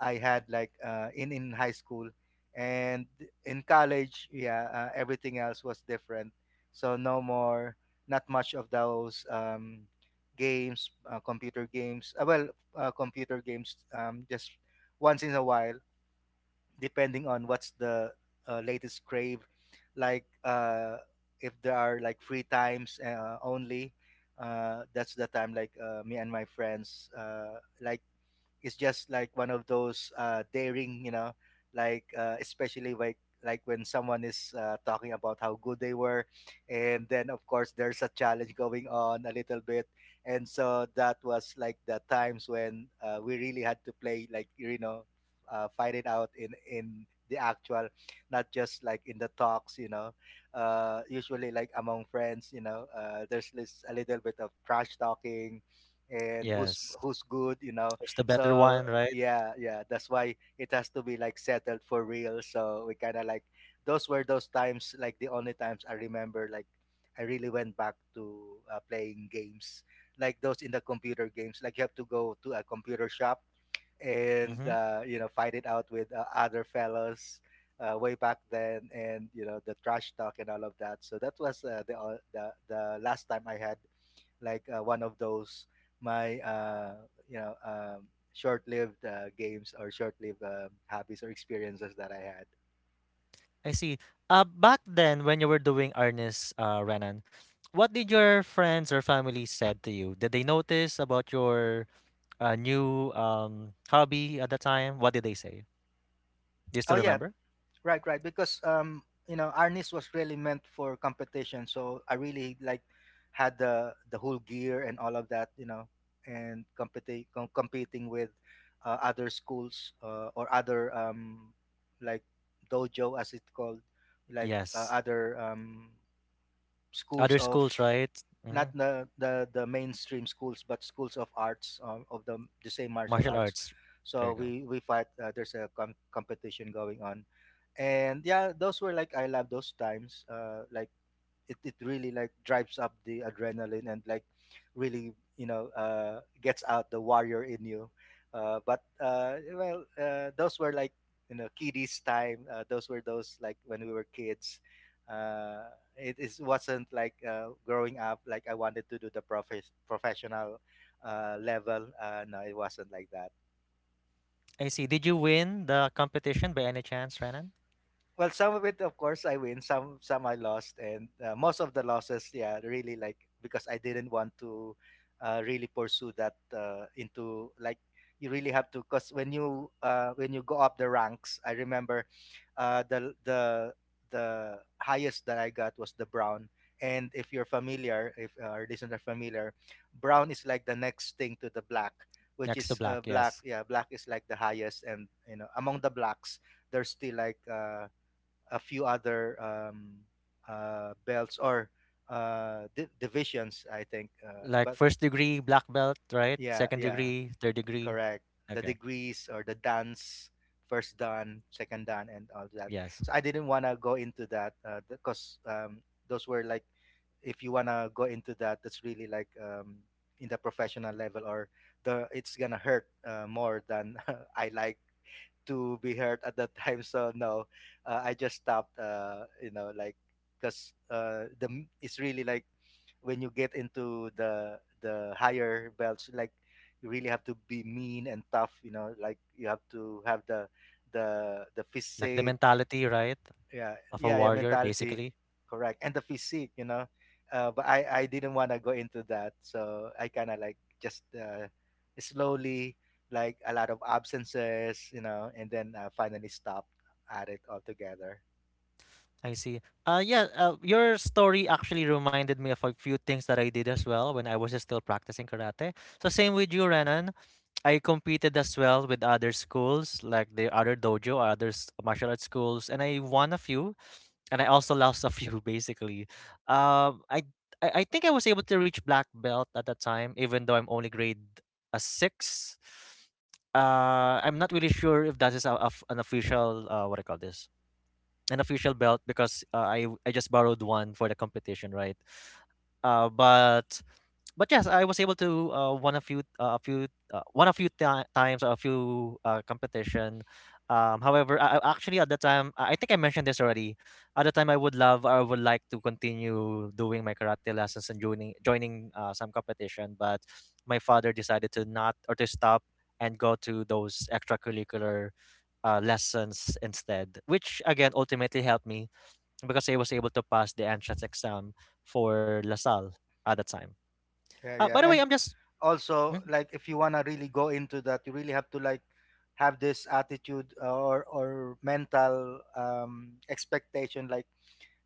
Speaker 2: I had like in high school. And in college, yeah, everything else was different. So no more, not much of those games, computer games. Computer games, just once in a while, depending on what's the latest crave, like, if there are like free times only, that's the time, like, me and my friends like, is just like one of those daring, you know, like especially like— when someone is talking about how good they were, and then of course there's a challenge going on a little bit. And so that was like the times when we really had to play like, you know, fight it out in the actual, not just like in the talks, you know. Usually like among friends, you know, there's this a little bit of trash talking, and
Speaker 1: Yes,
Speaker 2: who's good, you know.
Speaker 1: it's the better
Speaker 2: So
Speaker 1: one, right?
Speaker 2: yeah, yeah, that's why it has to be like settled for real. So we kind of like— those were those times, like the only times I remember like I really went back to playing games like those in the computer games, like you have to go to a computer shop and you know, fight it out with other fellows way back then. And you know, the trash talk and all of that. So that was the last time I had like one of those— my you know, short-lived games or short-lived hobbies or experiences that I had.
Speaker 1: I see. Back then when you were doing Arnis, Renan, what did your friends or family said to you? Did they notice about your new hobby at the time? What did they say? Do you
Speaker 2: Oh
Speaker 1: still
Speaker 2: yeah,
Speaker 1: remember?
Speaker 2: right, right. Because you know, Arnis was really meant for competition, so I really like had the whole gear and all of that, you know. And competing with other schools or other like dojo, as it's called, like
Speaker 1: Yes.
Speaker 2: other
Speaker 1: Other
Speaker 2: schools of—
Speaker 1: schools, right? Hmm.
Speaker 2: not the mainstream schools, but schools of arts, of the same martial
Speaker 1: Martial
Speaker 2: arts.
Speaker 1: arts. There
Speaker 2: So
Speaker 1: you go.
Speaker 2: we fight, there's a competition going on. And yeah, those were like— I love those times, like it really like drives up the adrenaline, and like really, you know, gets out the warrior in you. But well, those were like, you know, kiddies time. Those were those like when we were kids. uh, it is— wasn't like, growing up like I wanted to do the professional level. No, it wasn't like that.
Speaker 1: I see. Did you win the competition by any chance, Renan?
Speaker 2: Well, some of it, of course, I win, some I lost. And most of the losses, yeah, really like, because I didn't want to really pursue that into like— you really have to. Because when you go up the ranks, I remember, uh, the the the highest that I got was the brown. And if you're familiar— if our listeners are familiar, brown is like the next thing to the black, which
Speaker 1: Next to
Speaker 2: is
Speaker 1: black,
Speaker 2: black.
Speaker 1: yes.
Speaker 2: Yeah, black is like the highest. And you know, among the blacks, there's still like a few other belts or divisions, I think.
Speaker 1: Like
Speaker 2: But
Speaker 1: first degree black belt, right?
Speaker 2: yeah,
Speaker 1: Second
Speaker 2: yeah,
Speaker 1: degree, third degree.
Speaker 2: correct. The
Speaker 1: Okay.
Speaker 2: degrees or the dance, first dan, second dan, and all that.
Speaker 1: Yes.
Speaker 2: So I didn't want to go into that because those were like— if you want to go into that, that's really like, in the professional level or the— it's gonna hurt more than I like to be heard at that time. So no, I just stopped. You know, like, because it's really like, when you get into the higher belts, like you really have to be mean and tough. You know, like you have to have the the
Speaker 1: Like the
Speaker 2: physique.
Speaker 1: mentality, right?
Speaker 2: Yeah,
Speaker 1: Of a
Speaker 2: yeah, yeah,
Speaker 1: warrior,
Speaker 2: mentality,
Speaker 1: basically.
Speaker 2: correct, and the physique, you know. But I didn't want to go into that, so I kind of like just slowly, like a lot of absences, you know, and then finally stopped at it altogether.
Speaker 1: I see. Yeah, your story actually reminded me of a few things that I did as well when I was still practicing karate. So same with you, Renan. I competed as well with other schools, like the other dojo, or martial arts schools, and I won a few, and I also lost a few, basically. Um, I, I think I was able to reach black belt at that time, even though I'm only grade a six. I'm not really sure if that is an official what do you call this, an official belt because I just borrowed one for the competition, right? Uh, but but yes, I was able to won a few one a few times or a few competition. Actually at the time I think I mentioned this already. At the time, I would love or I would like to continue doing my karate lessons and joining some competition, but my father decided to not or to stop and go to those extracurricular lessons instead, which again ultimately helped me because I was able to pass the entrance exam for LaSalle at the time.
Speaker 2: Yeah,
Speaker 1: By
Speaker 2: yeah,
Speaker 1: the way,
Speaker 2: and
Speaker 1: I'm just
Speaker 2: also
Speaker 1: mm,
Speaker 2: like, if you wanna really go into that, you really have to like have this attitude or mental expectation, like,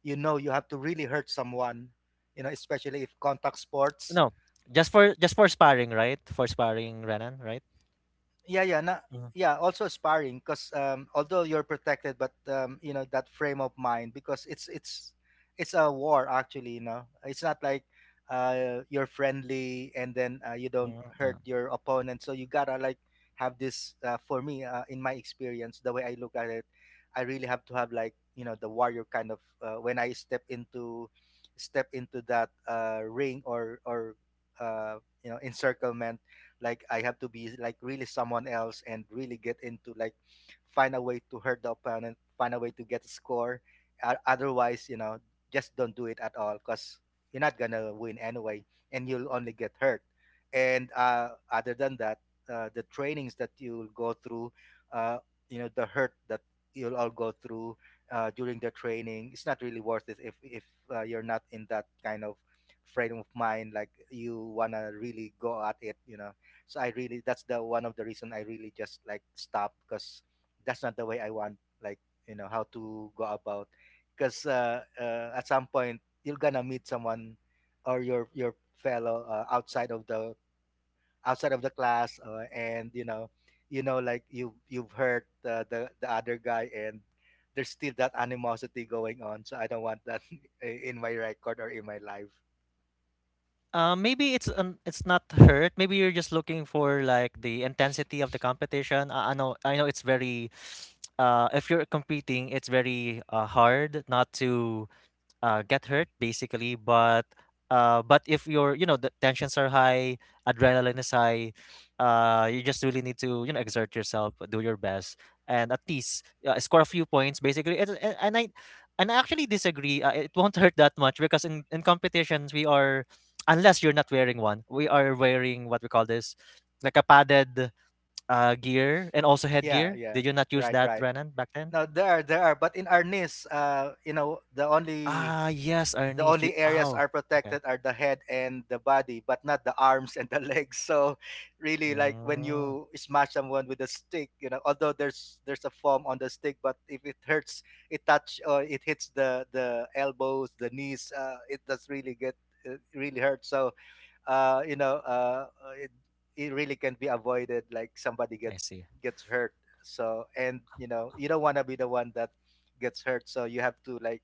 Speaker 2: you know, you have to really hurt someone, you know, especially if contact sports.
Speaker 1: no, just for sparring, right? For sparring, Renan, right?
Speaker 2: Yeah, yeah, na,
Speaker 1: Mhm,
Speaker 2: yeah, also sparring, because although you're protected, but you know, that frame of mind, because it's it's a war actually, you know. It's not like you're friendly and then you don't
Speaker 1: mhm,
Speaker 2: hurt
Speaker 1: yeah.
Speaker 2: your opponent. So you gotta like have this for me, in my experience, the way I look at it, I really have to have like, you know, the warrior kind of, when I step into— step into that ring or uh, you know, encirclement, like I have to be like really someone else and really get into like— find a way to hurt the opponent, find a way to get a score. Otherwise, you know, just don't do it at all, because you're not gonna win anyway and you'll only get hurt. And other than that, the trainings that you'll go through, uh, you know, the hurt that you'll all go through during the training, it's not really worth it if you're not in that kind of frame of mind, like you want to really go at it, you know. So I really— that's the one of the reason I really just like stop, because that's not the way I want, like, you know, how to go about. Because at some point you're gonna meet someone or your fellow outside of the— outside of the class, and you know, you know like, you've heard the other guy, and there's still that animosity going on, so I don't want that in my record or in my life.
Speaker 1: Maybe it's not hurt. Maybe you're just looking for like the intensity of the competition. I know it's very, if you're competing, it's very hard not to get hurt basically, but if your, you know, the tensions are high, adrenaline is high, you just really need to, you know, exert yourself, do your best, and at least score a few points basically, and I actually disagree, it won't hurt that much because in competitions we are, unless you're not wearing one, we are wearing what we call this, like a padded gear and also
Speaker 2: Yeah,
Speaker 1: headgear.
Speaker 2: yeah,
Speaker 1: Did you not use
Speaker 2: right,
Speaker 1: that,
Speaker 2: right.
Speaker 1: Renan, back then?
Speaker 2: No, there are— there are, but in Arnis, you know, the
Speaker 1: Ah yes, Ernest. You
Speaker 2: only areas
Speaker 1: ow.
Speaker 2: are
Speaker 1: Okay.
Speaker 2: protected are the head and the body, but not the arms and the legs. So really, like when
Speaker 1: Mm.
Speaker 2: you smash someone with a stick, you know, although there's a foam on the stick, but if it hurts, it touch or it hits the elbows, the knees, it does really get really hurt. So, uh, you know, uh, it, it really can be avoided. Like somebody
Speaker 1: I see.
Speaker 2: gets hurt. So, and you know, you don't want to be the one that gets hurt, so you have to like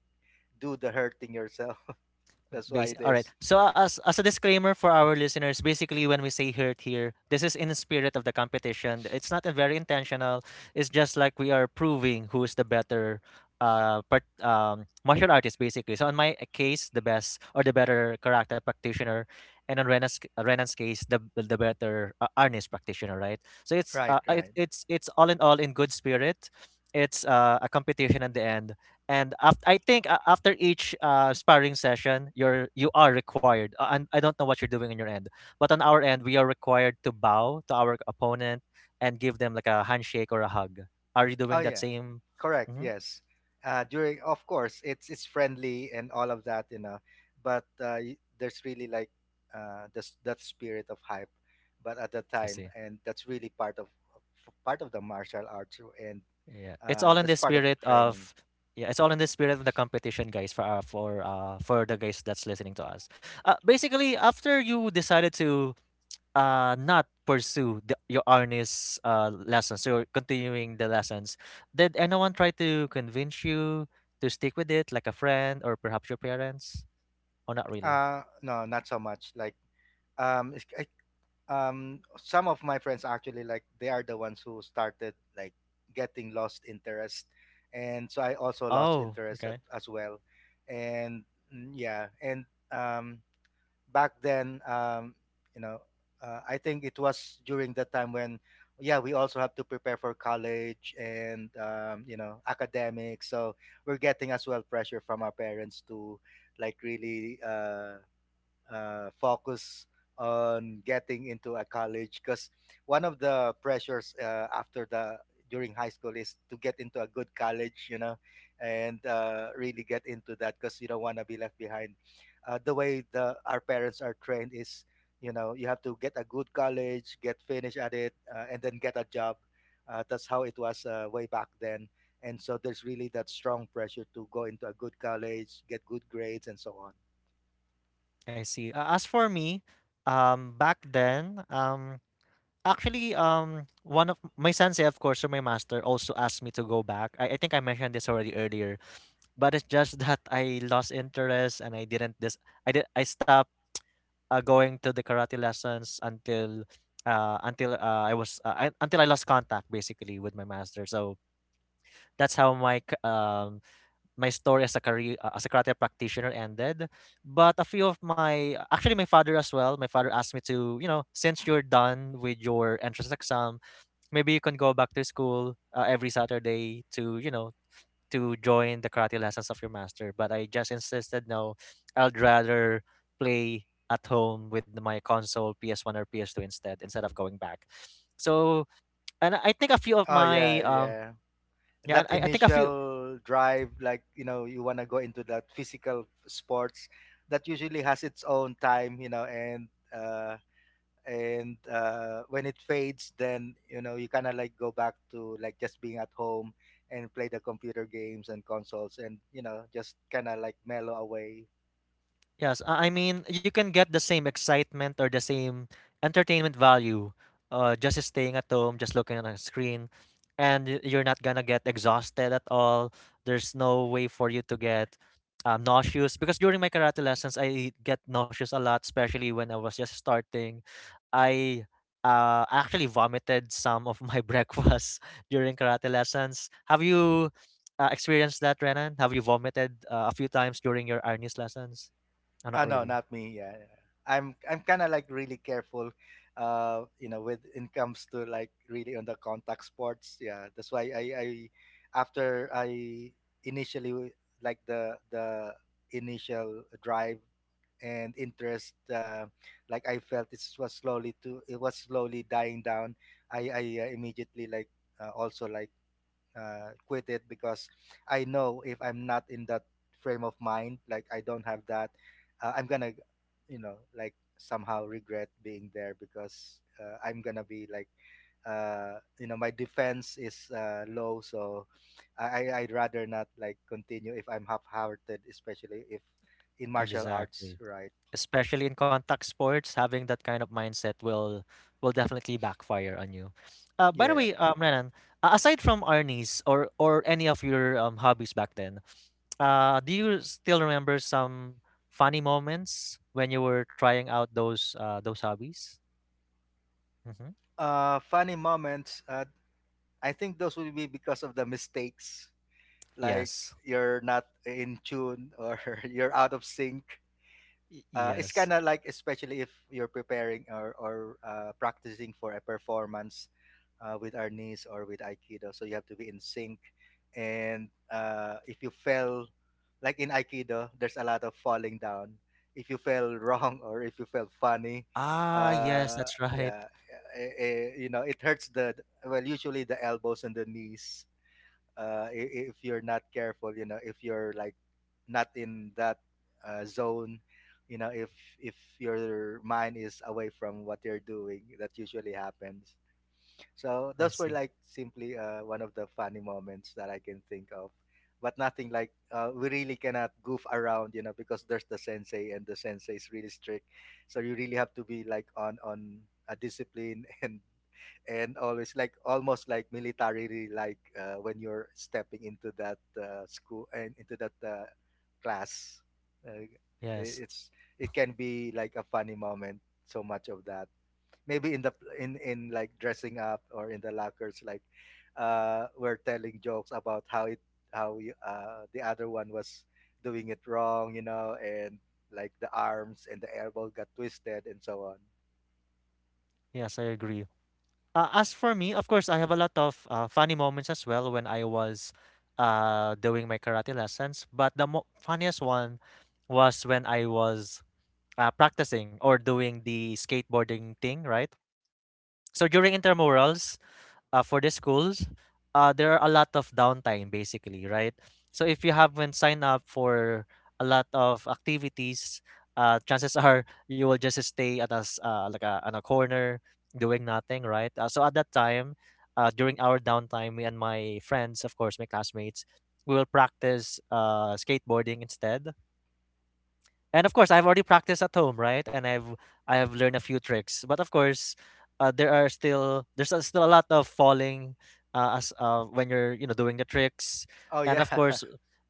Speaker 2: do the hurting yourself. That's why it
Speaker 1: All right.
Speaker 2: is.
Speaker 1: So as a disclaimer for our listeners, basically when we say hurt here, this is in the spirit of the competition. It's not a very intentional. It's just like we are proving who is the better part, um, martial artist basically. So on my case, the best or the better karate practitioner, and on Renan's case, the better arnis practitioner, right? So it's
Speaker 2: Right, right.
Speaker 1: it's all in good spirit. It's a competition at the end, and after I think after each sparring session, you're you are required. And I don't know what you're doing on your end, but on our end, we are required to bow to our opponent and give them like a handshake or a hug. Are you
Speaker 2: Oh
Speaker 1: doing that
Speaker 2: yeah,
Speaker 1: same?
Speaker 2: correct.
Speaker 1: Hmm.
Speaker 2: Yes. During, of course, it's friendly and all of that, but there's really like this, that spirit of hype, but at the
Speaker 1: I
Speaker 2: time,
Speaker 1: see.
Speaker 2: and that's really part part of the martial arts, and
Speaker 1: Yeah, it's all in
Speaker 2: that's
Speaker 1: the
Speaker 2: part of
Speaker 1: spirit
Speaker 2: training.
Speaker 1: of the competition, guys. For for the guys that's listening to us, basically after you decided to not pursue the your honest, lessons, so continuing the lessons. Did anyone try to convince you to stick with it, like a friend or perhaps your parents? Or not really?
Speaker 2: No, not so much. Like, it's, some of my friends actually like they are the ones who started like getting lost interest, and so I also lost
Speaker 1: Oh,
Speaker 2: interest at,
Speaker 1: okay.
Speaker 2: as well, and yeah, and um, back then, you know, I think it was during that time when, yeah, we also have to prepare for college and you know, academics. So we're getting as well pressure from our parents to like really focus on getting into a college, because one of the pressures after the during high school is to get into a good college, you know, and really get into that because you don't want to be left behind. The way the our parents are trained is, you know, you have to get a good college, get finished at it, and then get a job. That's how it was way back then, and so there's really that strong pressure to go into a good college, get good grades, and so on.
Speaker 1: I see. As for me, back then, one of my sensei, of course, or my master, also asked me to go back. I think I mentioned this already earlier, but it's just that I lost interest and I didn't this. I did. I stopped going to the karate lessons until I was until I lost contact basically with my master. So that's how my my story as a career as a karate practitioner ended. But a few of my, actually my father as well. My father asked me to, you know, since you're done with your entrance exam, maybe you can go back to school every Saturday to, you know, to join the karate lessons of your master, but I just insisted no, I'd rather play at home with my console PS1 or PS2 instead of going back. So and I think a few of
Speaker 2: Oh,
Speaker 1: my
Speaker 2: yeah, yeah,
Speaker 1: yeah, and
Speaker 2: that
Speaker 1: I think a few.
Speaker 2: initial drive, like, you know, you want to go into that physical sports, that usually has its own time, you know, and when it fades, then, you know, you kind of like go back to like just being at home and play the computer games and consoles, and, you know, just kind of like mellow away.
Speaker 1: Yes, I mean, you can get the same excitement or the same entertainment value just staying at home, just looking at a screen, and you're not gonna get exhausted at all. There's no way for you to get nauseous because during my karate lessons, I get nauseous a lot, especially when I was just starting. I Actually vomited some of my breakfast during karate lessons. Have you experienced that, Renan? Have you vomited a few times during your Arnis lessons? No, not
Speaker 2: Oh no,
Speaker 1: really.
Speaker 2: not me. Yeah, yeah. I'm kind of like really careful, you know, with when it comes to like really on the contact sports. Yeah, that's why I after I initially like the initial drive and interest, like I felt it was slowly to it was slowly dying down. I immediately like also like quit it because I know if I'm not in that frame of mind, like I don't have that, I'm gonna, you know, like somehow regret being there because I'm gonna be like, you know, my defense is low, so I would rather not like continue if I'm half-hearted, especially if in martial arts,
Speaker 1: Exactly.
Speaker 2: right?
Speaker 1: Especially in contact sports, having that kind of mindset will definitely backfire on you. By the
Speaker 2: Yeah.
Speaker 1: way, Renan, aside from Arnie's or any of your hobbies back then, do you still remember some funny moments when you were trying out those hobbies? Mm-hmm.
Speaker 2: Funny moments. I think those will be because of the mistakes, like
Speaker 1: Yes.
Speaker 2: you're not in tune or you're out of sync. It's
Speaker 1: Yes.
Speaker 2: kind of like, especially if you're preparing or practicing for a performance with Arnis or with Aikido. So you have to be in sync. And if you fell, like in Aikido, there's a lot of falling down. If you fell wrong or if you fell funny,
Speaker 1: Ah, yes,
Speaker 2: uh,
Speaker 1: that's right.
Speaker 2: yeah, you know, it hurts the, well, usually the elbows and the knees if you're not careful, you know, if you're like not in that zone, you know, if your mind is away from what you're doing, that usually happens. So
Speaker 1: I
Speaker 2: those were
Speaker 1: see.
Speaker 2: like simply one of the funny moments that I can think of, but nothing like. We really cannot goof around, you know, because there's the sensei and the sensei is really strict, so you really have to be like on a discipline and always like almost like militarily, like when you're stepping into that school and into that class uh,
Speaker 1: Yes.
Speaker 2: it's it can be like a funny moment, so much of that, maybe in the in like dressing up or in the lockers, like we're telling jokes about how you, the other one was doing it wrong, you know, and like the arms and the elbow got twisted, and so on.
Speaker 1: Yes, I agree. As for me, of course, I have a lot of funny moments as well when I was doing my karate lessons. But the funniest one was when I was practicing or doing the skateboarding thing, right? So during intramurals, for the schools, there are a lot of downtime basically, right? So if you haven't signed up for a lot of activities, chances are you will just stay at us like on a corner doing nothing, right? So at that time, during our downtime, me and my friends, of course, my classmates, we will practice skateboarding instead. And of course, I've already practiced at home, right? And I've I have learned a few tricks. But of course, there are still there's a- still a lot of falling as when you're doing the tricks.
Speaker 2: Oh
Speaker 1: And
Speaker 2: yeah.
Speaker 1: of course,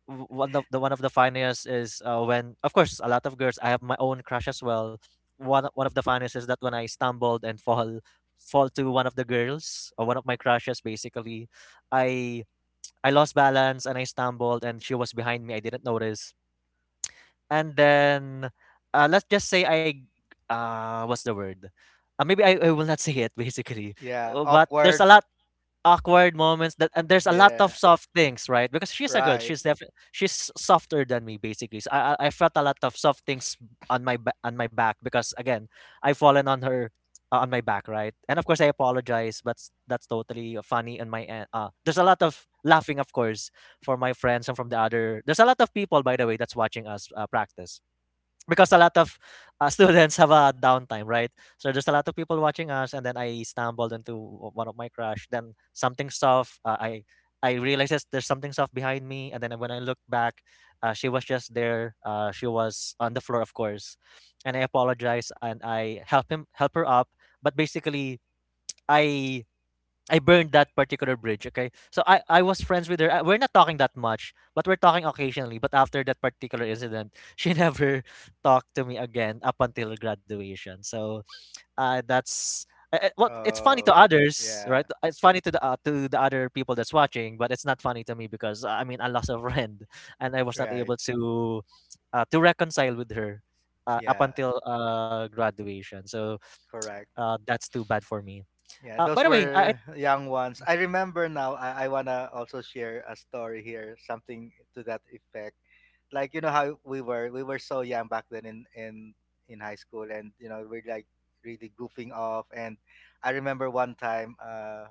Speaker 1: one of the funniest is when of course a lot of girls. I have my own crush as well. One of the funniest is that when I stumbled and fall to one of the girls or one of my crushes basically, I I lost balance and I stumbled and she was behind me. I didn't notice, and then, let's just say what's the word? Maybe I will not say it basically.
Speaker 2: Yeah,
Speaker 1: But there's a
Speaker 2: awkward.
Speaker 1: lot awkward moments that, and there's a lot of
Speaker 2: Yeah,
Speaker 1: soft things, right? Because she's a girl,
Speaker 2: right.
Speaker 1: she's definitely she's softer than me, basically. So I felt a lot of soft things on on my back, because again I've fallen on her, on my back, right? And of course I apologize, that's totally funny on my end. There's a lot of laughing, of course, for my friends, and from the other, there's a lot of people, by the way, that's watching us practice, because a lot of students have a downtime, right? So there's a lot of people watching us, and then I stumbled into one of my crush. Then something soft. I realized there's something soft behind me, and then when I look back, she was just there. She was on the floor, of course, and I apologize and I help her up. But basically, I I burned that particular bridge, okay? So I was friends with her. We're not talking that much, but we're talking occasionally. But after that particular incident, she never talked to me again up until graduation. So uh, that's it's funny to
Speaker 2: Oh,
Speaker 1: others, right?
Speaker 2: yeah,
Speaker 1: It's funny to the other people that's watching, but it's not funny to me, because I mean I lost a friend, and I was not
Speaker 2: right.
Speaker 1: able to reconcile with her up
Speaker 2: Yeah,
Speaker 1: until graduation. So
Speaker 2: correct.
Speaker 1: that's too bad for me.
Speaker 2: Yeah,
Speaker 1: By
Speaker 2: those
Speaker 1: the way,
Speaker 2: were young ones. I remember now. I wanna also share a story here, something to that effect. Like, you know how we were so young back then in high school, and you know we're like really goofing off. And I remember one time, uh,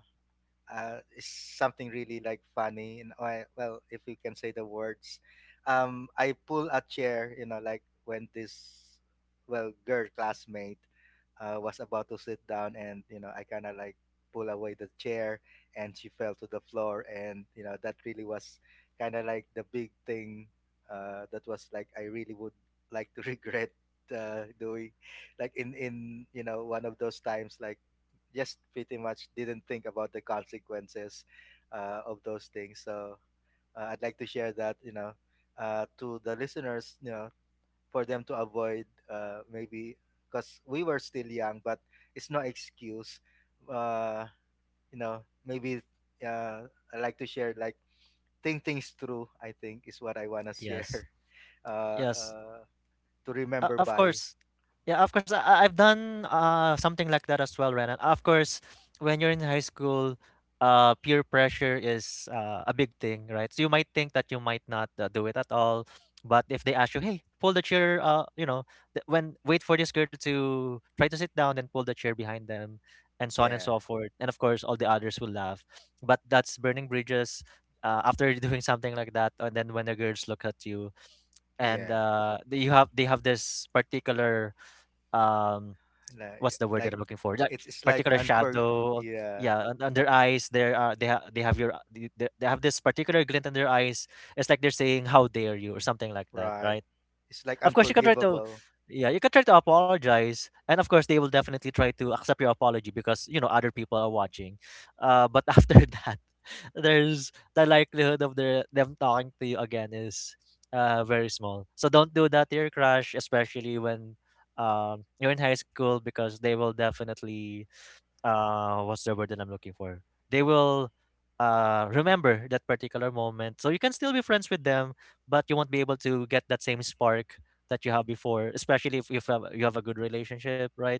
Speaker 2: uh, is something really like funny. And I, well, if you can say the words, I pull a chair. You know, like when this well girl classmate was about to sit down, and you know, I kind of like pull away the chair, and she fell to the floor, and you know, that really was kind of like the big thing. That was like I really would like to regret doing, like in you know one of those times like just pretty much didn't think about the consequences of those things. So I'd like to share that, you know, to the listeners, you know, for them to avoid maybe because we were still young, but it's no excuse. Uh, you know, maybe uh, I like to share like think things through. I think is what I wanna share.
Speaker 1: yes.
Speaker 2: Uh,
Speaker 1: Yes,
Speaker 2: uh, to remember
Speaker 1: of
Speaker 2: by.
Speaker 1: course. Yeah, of course. I've done something like that as well, Renan. Of course, when you're in high school, peer pressure is a big thing, right? So you might think that you might not do it at all, but if they ask you, "Hey, pull the chair," you know, th- when wait for this girl to try to sit down and pull the chair behind them, and so on and
Speaker 2: Yeah,
Speaker 1: so forth. And of course, all the others will laugh, but that's burning bridges. After doing something like that, and then when the girls look at you, and
Speaker 2: yeah.
Speaker 1: they have this particular um what's
Speaker 2: Like,
Speaker 1: the word that I'm
Speaker 2: like
Speaker 1: looking for, that
Speaker 2: it's like
Speaker 1: particular
Speaker 2: unfor.
Speaker 1: shadow,
Speaker 2: Yeah,
Speaker 1: yeah, on their eyes, there are they have your they have this particular glint in their eyes. It's like they're saying how dare you or something like that,
Speaker 2: right.
Speaker 1: right?
Speaker 2: It's like
Speaker 1: Of course you can try to,
Speaker 2: unforgivable.
Speaker 1: yeah, you can try to apologize, and of course they will definitely try to accept your apology because you know other people are watching. But after that, there's the likelihood of their them talking to you again is very small. So don't do that to your crush, especially when you're in high school, because they will definitely what's the word that I'm looking for? They will remember that particular moment. So you can still be friends with them, but you won't be able to get that same spark that you have before, especially if you have a good relationship, right?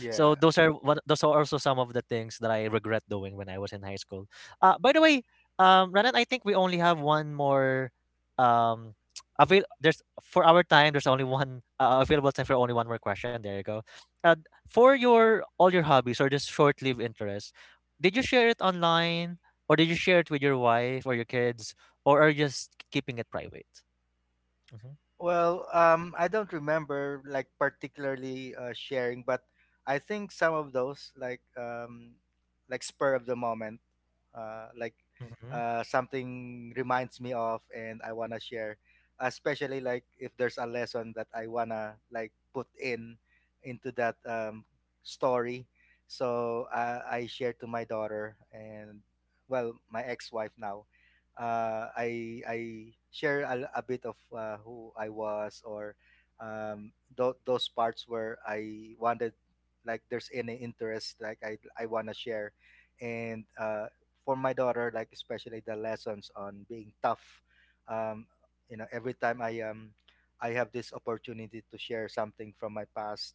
Speaker 1: So those are also some of the things that I regret doing when I was in high school. By the way, Ranan, I think we only have one more um avail. There's for our time. There's only one available time for only one more question. There you go. Uh, for your all your hobbies or just short-lived interests, did you share it online, or did you share it with your wife or your kids, or are you just keeping it private? Mm-hmm.
Speaker 2: Well, I don't remember like particularly sharing, but I think some of those like spur of the moment, uh, like
Speaker 1: Mm-hmm.
Speaker 2: something reminds me of, and I wanna share. Especially like if there's a lesson that I wanna like put in into that story, so I share to my daughter, and well, my ex-wife now, I share a bit of who I was, or those parts where I wanted, like there's any interest like I want to share, and for my daughter, like especially the lessons on being tough, um, you know, every time I have this opportunity to share something from my past,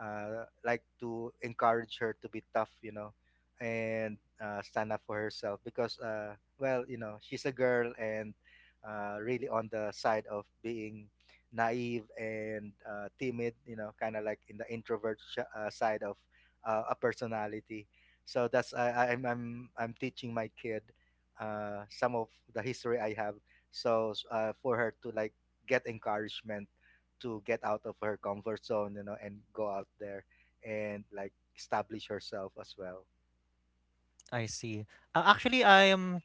Speaker 2: like to encourage her to be tough, you know, and stand up for herself, because. Well, you know, she's a girl, and really on the side of being naive and timid, you know, kind of like in the introvert side of a personality. So that's I'm teaching my kid some of the history I have. So for her to like get encouragement to get out of her comfort zone, you know, and go out there and like establish herself as well.
Speaker 1: I see. Actually, I am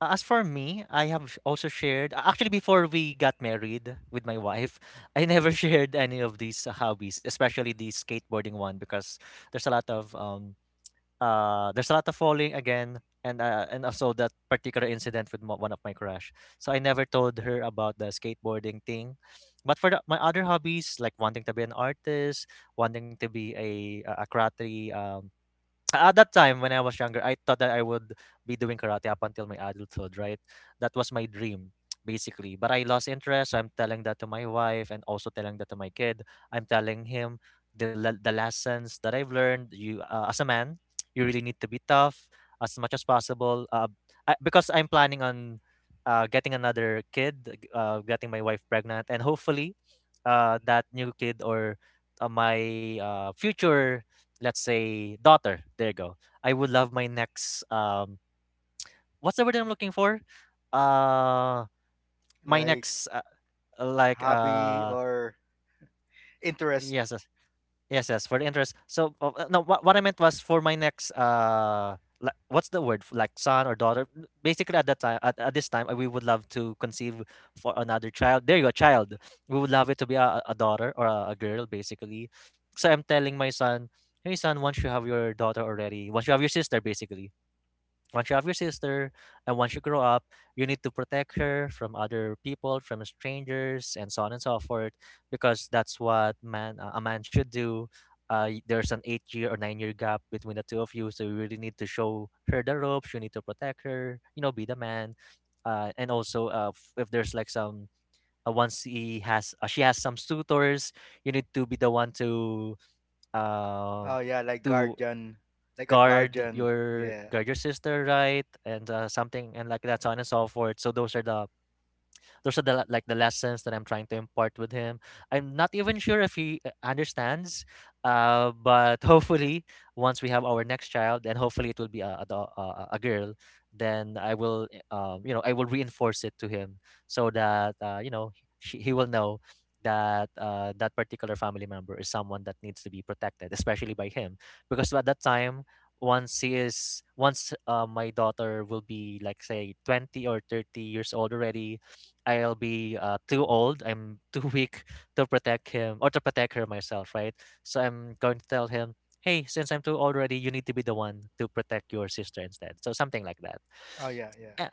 Speaker 1: As for me, I have also shared, actually, before we got married with my wife, I never shared any of these hobbies, especially the skateboarding one, because there's a lot of there's a lot of falling again, and also that particular incident with one of my crush. So I never told her about the skateboarding thing. But for my other hobbies, like wanting to be an artist, wanting to be a karate at that time when I was younger, I thought that I would be doing karate up until my adulthood, right? That was my dream, basically. But I lost interest. So I'm telling that to my wife and also telling that to my kid. I'm telling him the lessons that I've learned. You as a man, you really need to be tough as much as possible. Because I'm planning on getting another kid, getting my wife pregnant, and hopefully, that new kid or my future, let's say daughter, there you go. I would love my next what's the word I'm looking for, uh my
Speaker 2: Like,
Speaker 1: next like
Speaker 2: hobby or interest.
Speaker 1: yes, yes, yes, yes. For the interest, so no, what I meant was for my next like, what's the word, like son or daughter. Basically at that time, at this time, we would love to conceive for another child, there you go, child. We would love it to be a daughter or a girl basically. So I'm telling my son, hey son, once you have your daughter already, once you have your sister basically, once you have your sister, and once you grow up, you need to protect her from other people, from strangers, and so on and so forth, because that's what man a man should do. There's an 8 year or 9 year gap between the two of you, so you really need to show her the ropes. You need to protect her. You know, be the man. And also, if there's like some once he has she has some suitors, you need to be the one um
Speaker 2: Oh yeah, like
Speaker 1: to
Speaker 2: guardian, like a guardian. Yeah.
Speaker 1: guard your sister, right? And something and like that, so on and so forth. So those are the, like the lessons that I'm trying to impart with him. I'm not even sure if he understands, but hopefully once we have our next child, and hopefully it will be a girl, then I will you know I will reinforce it to him, so that you know he will know that that particular family member is someone that needs to be protected, especially by him, because at that time, once he is once my daughter will be like, say, 20 or 30 years old already, I'll be too old. I'm too weak to protect him or to protect her myself, right? So I'm going to tell him, hey, since I'm too old already, you need to be the one to protect your sister instead. So something like that.
Speaker 2: Oh yeah, yeah.
Speaker 1: Uh,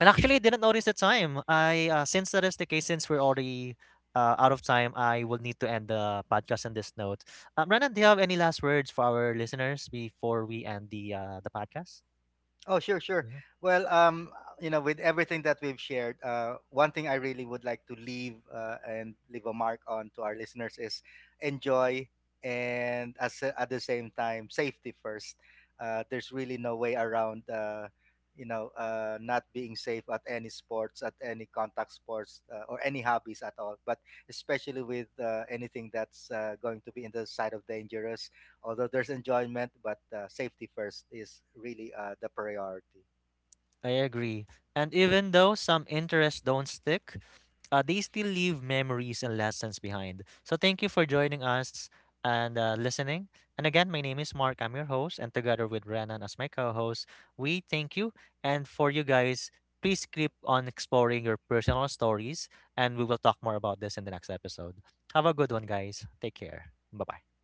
Speaker 1: And actually, I didn't notice the time. I Since that is the case, since we're already out of time, I will need to end the podcast on this note. Renan, do you have any last words for our listeners before we end the podcast?
Speaker 2: Oh, sure, sure.
Speaker 1: Mhm.
Speaker 2: Well, you know, with everything that we've shared, one thing I really would like to leave and leave a mark on to our listeners is enjoy and, as, at the same time, safety first. There's really no way around, you know, not being safe at any sports, at any contact sports, or any hobbies at all. But especially with anything that's going to be in the side of dangerous, although there's enjoyment, but safety first is really the priority.
Speaker 1: I agree. And even though some interests don't stick, they still leave memories and lessons behind. So thank you for joining us and listening. And again, my name is Mark. I'm your host, and together with Renan as my co-host, we thank you. And for you guys, please keep on exploring your personal stories, and we will talk more about this in the next episode. Have a good one, guys. Take care. Bye bye.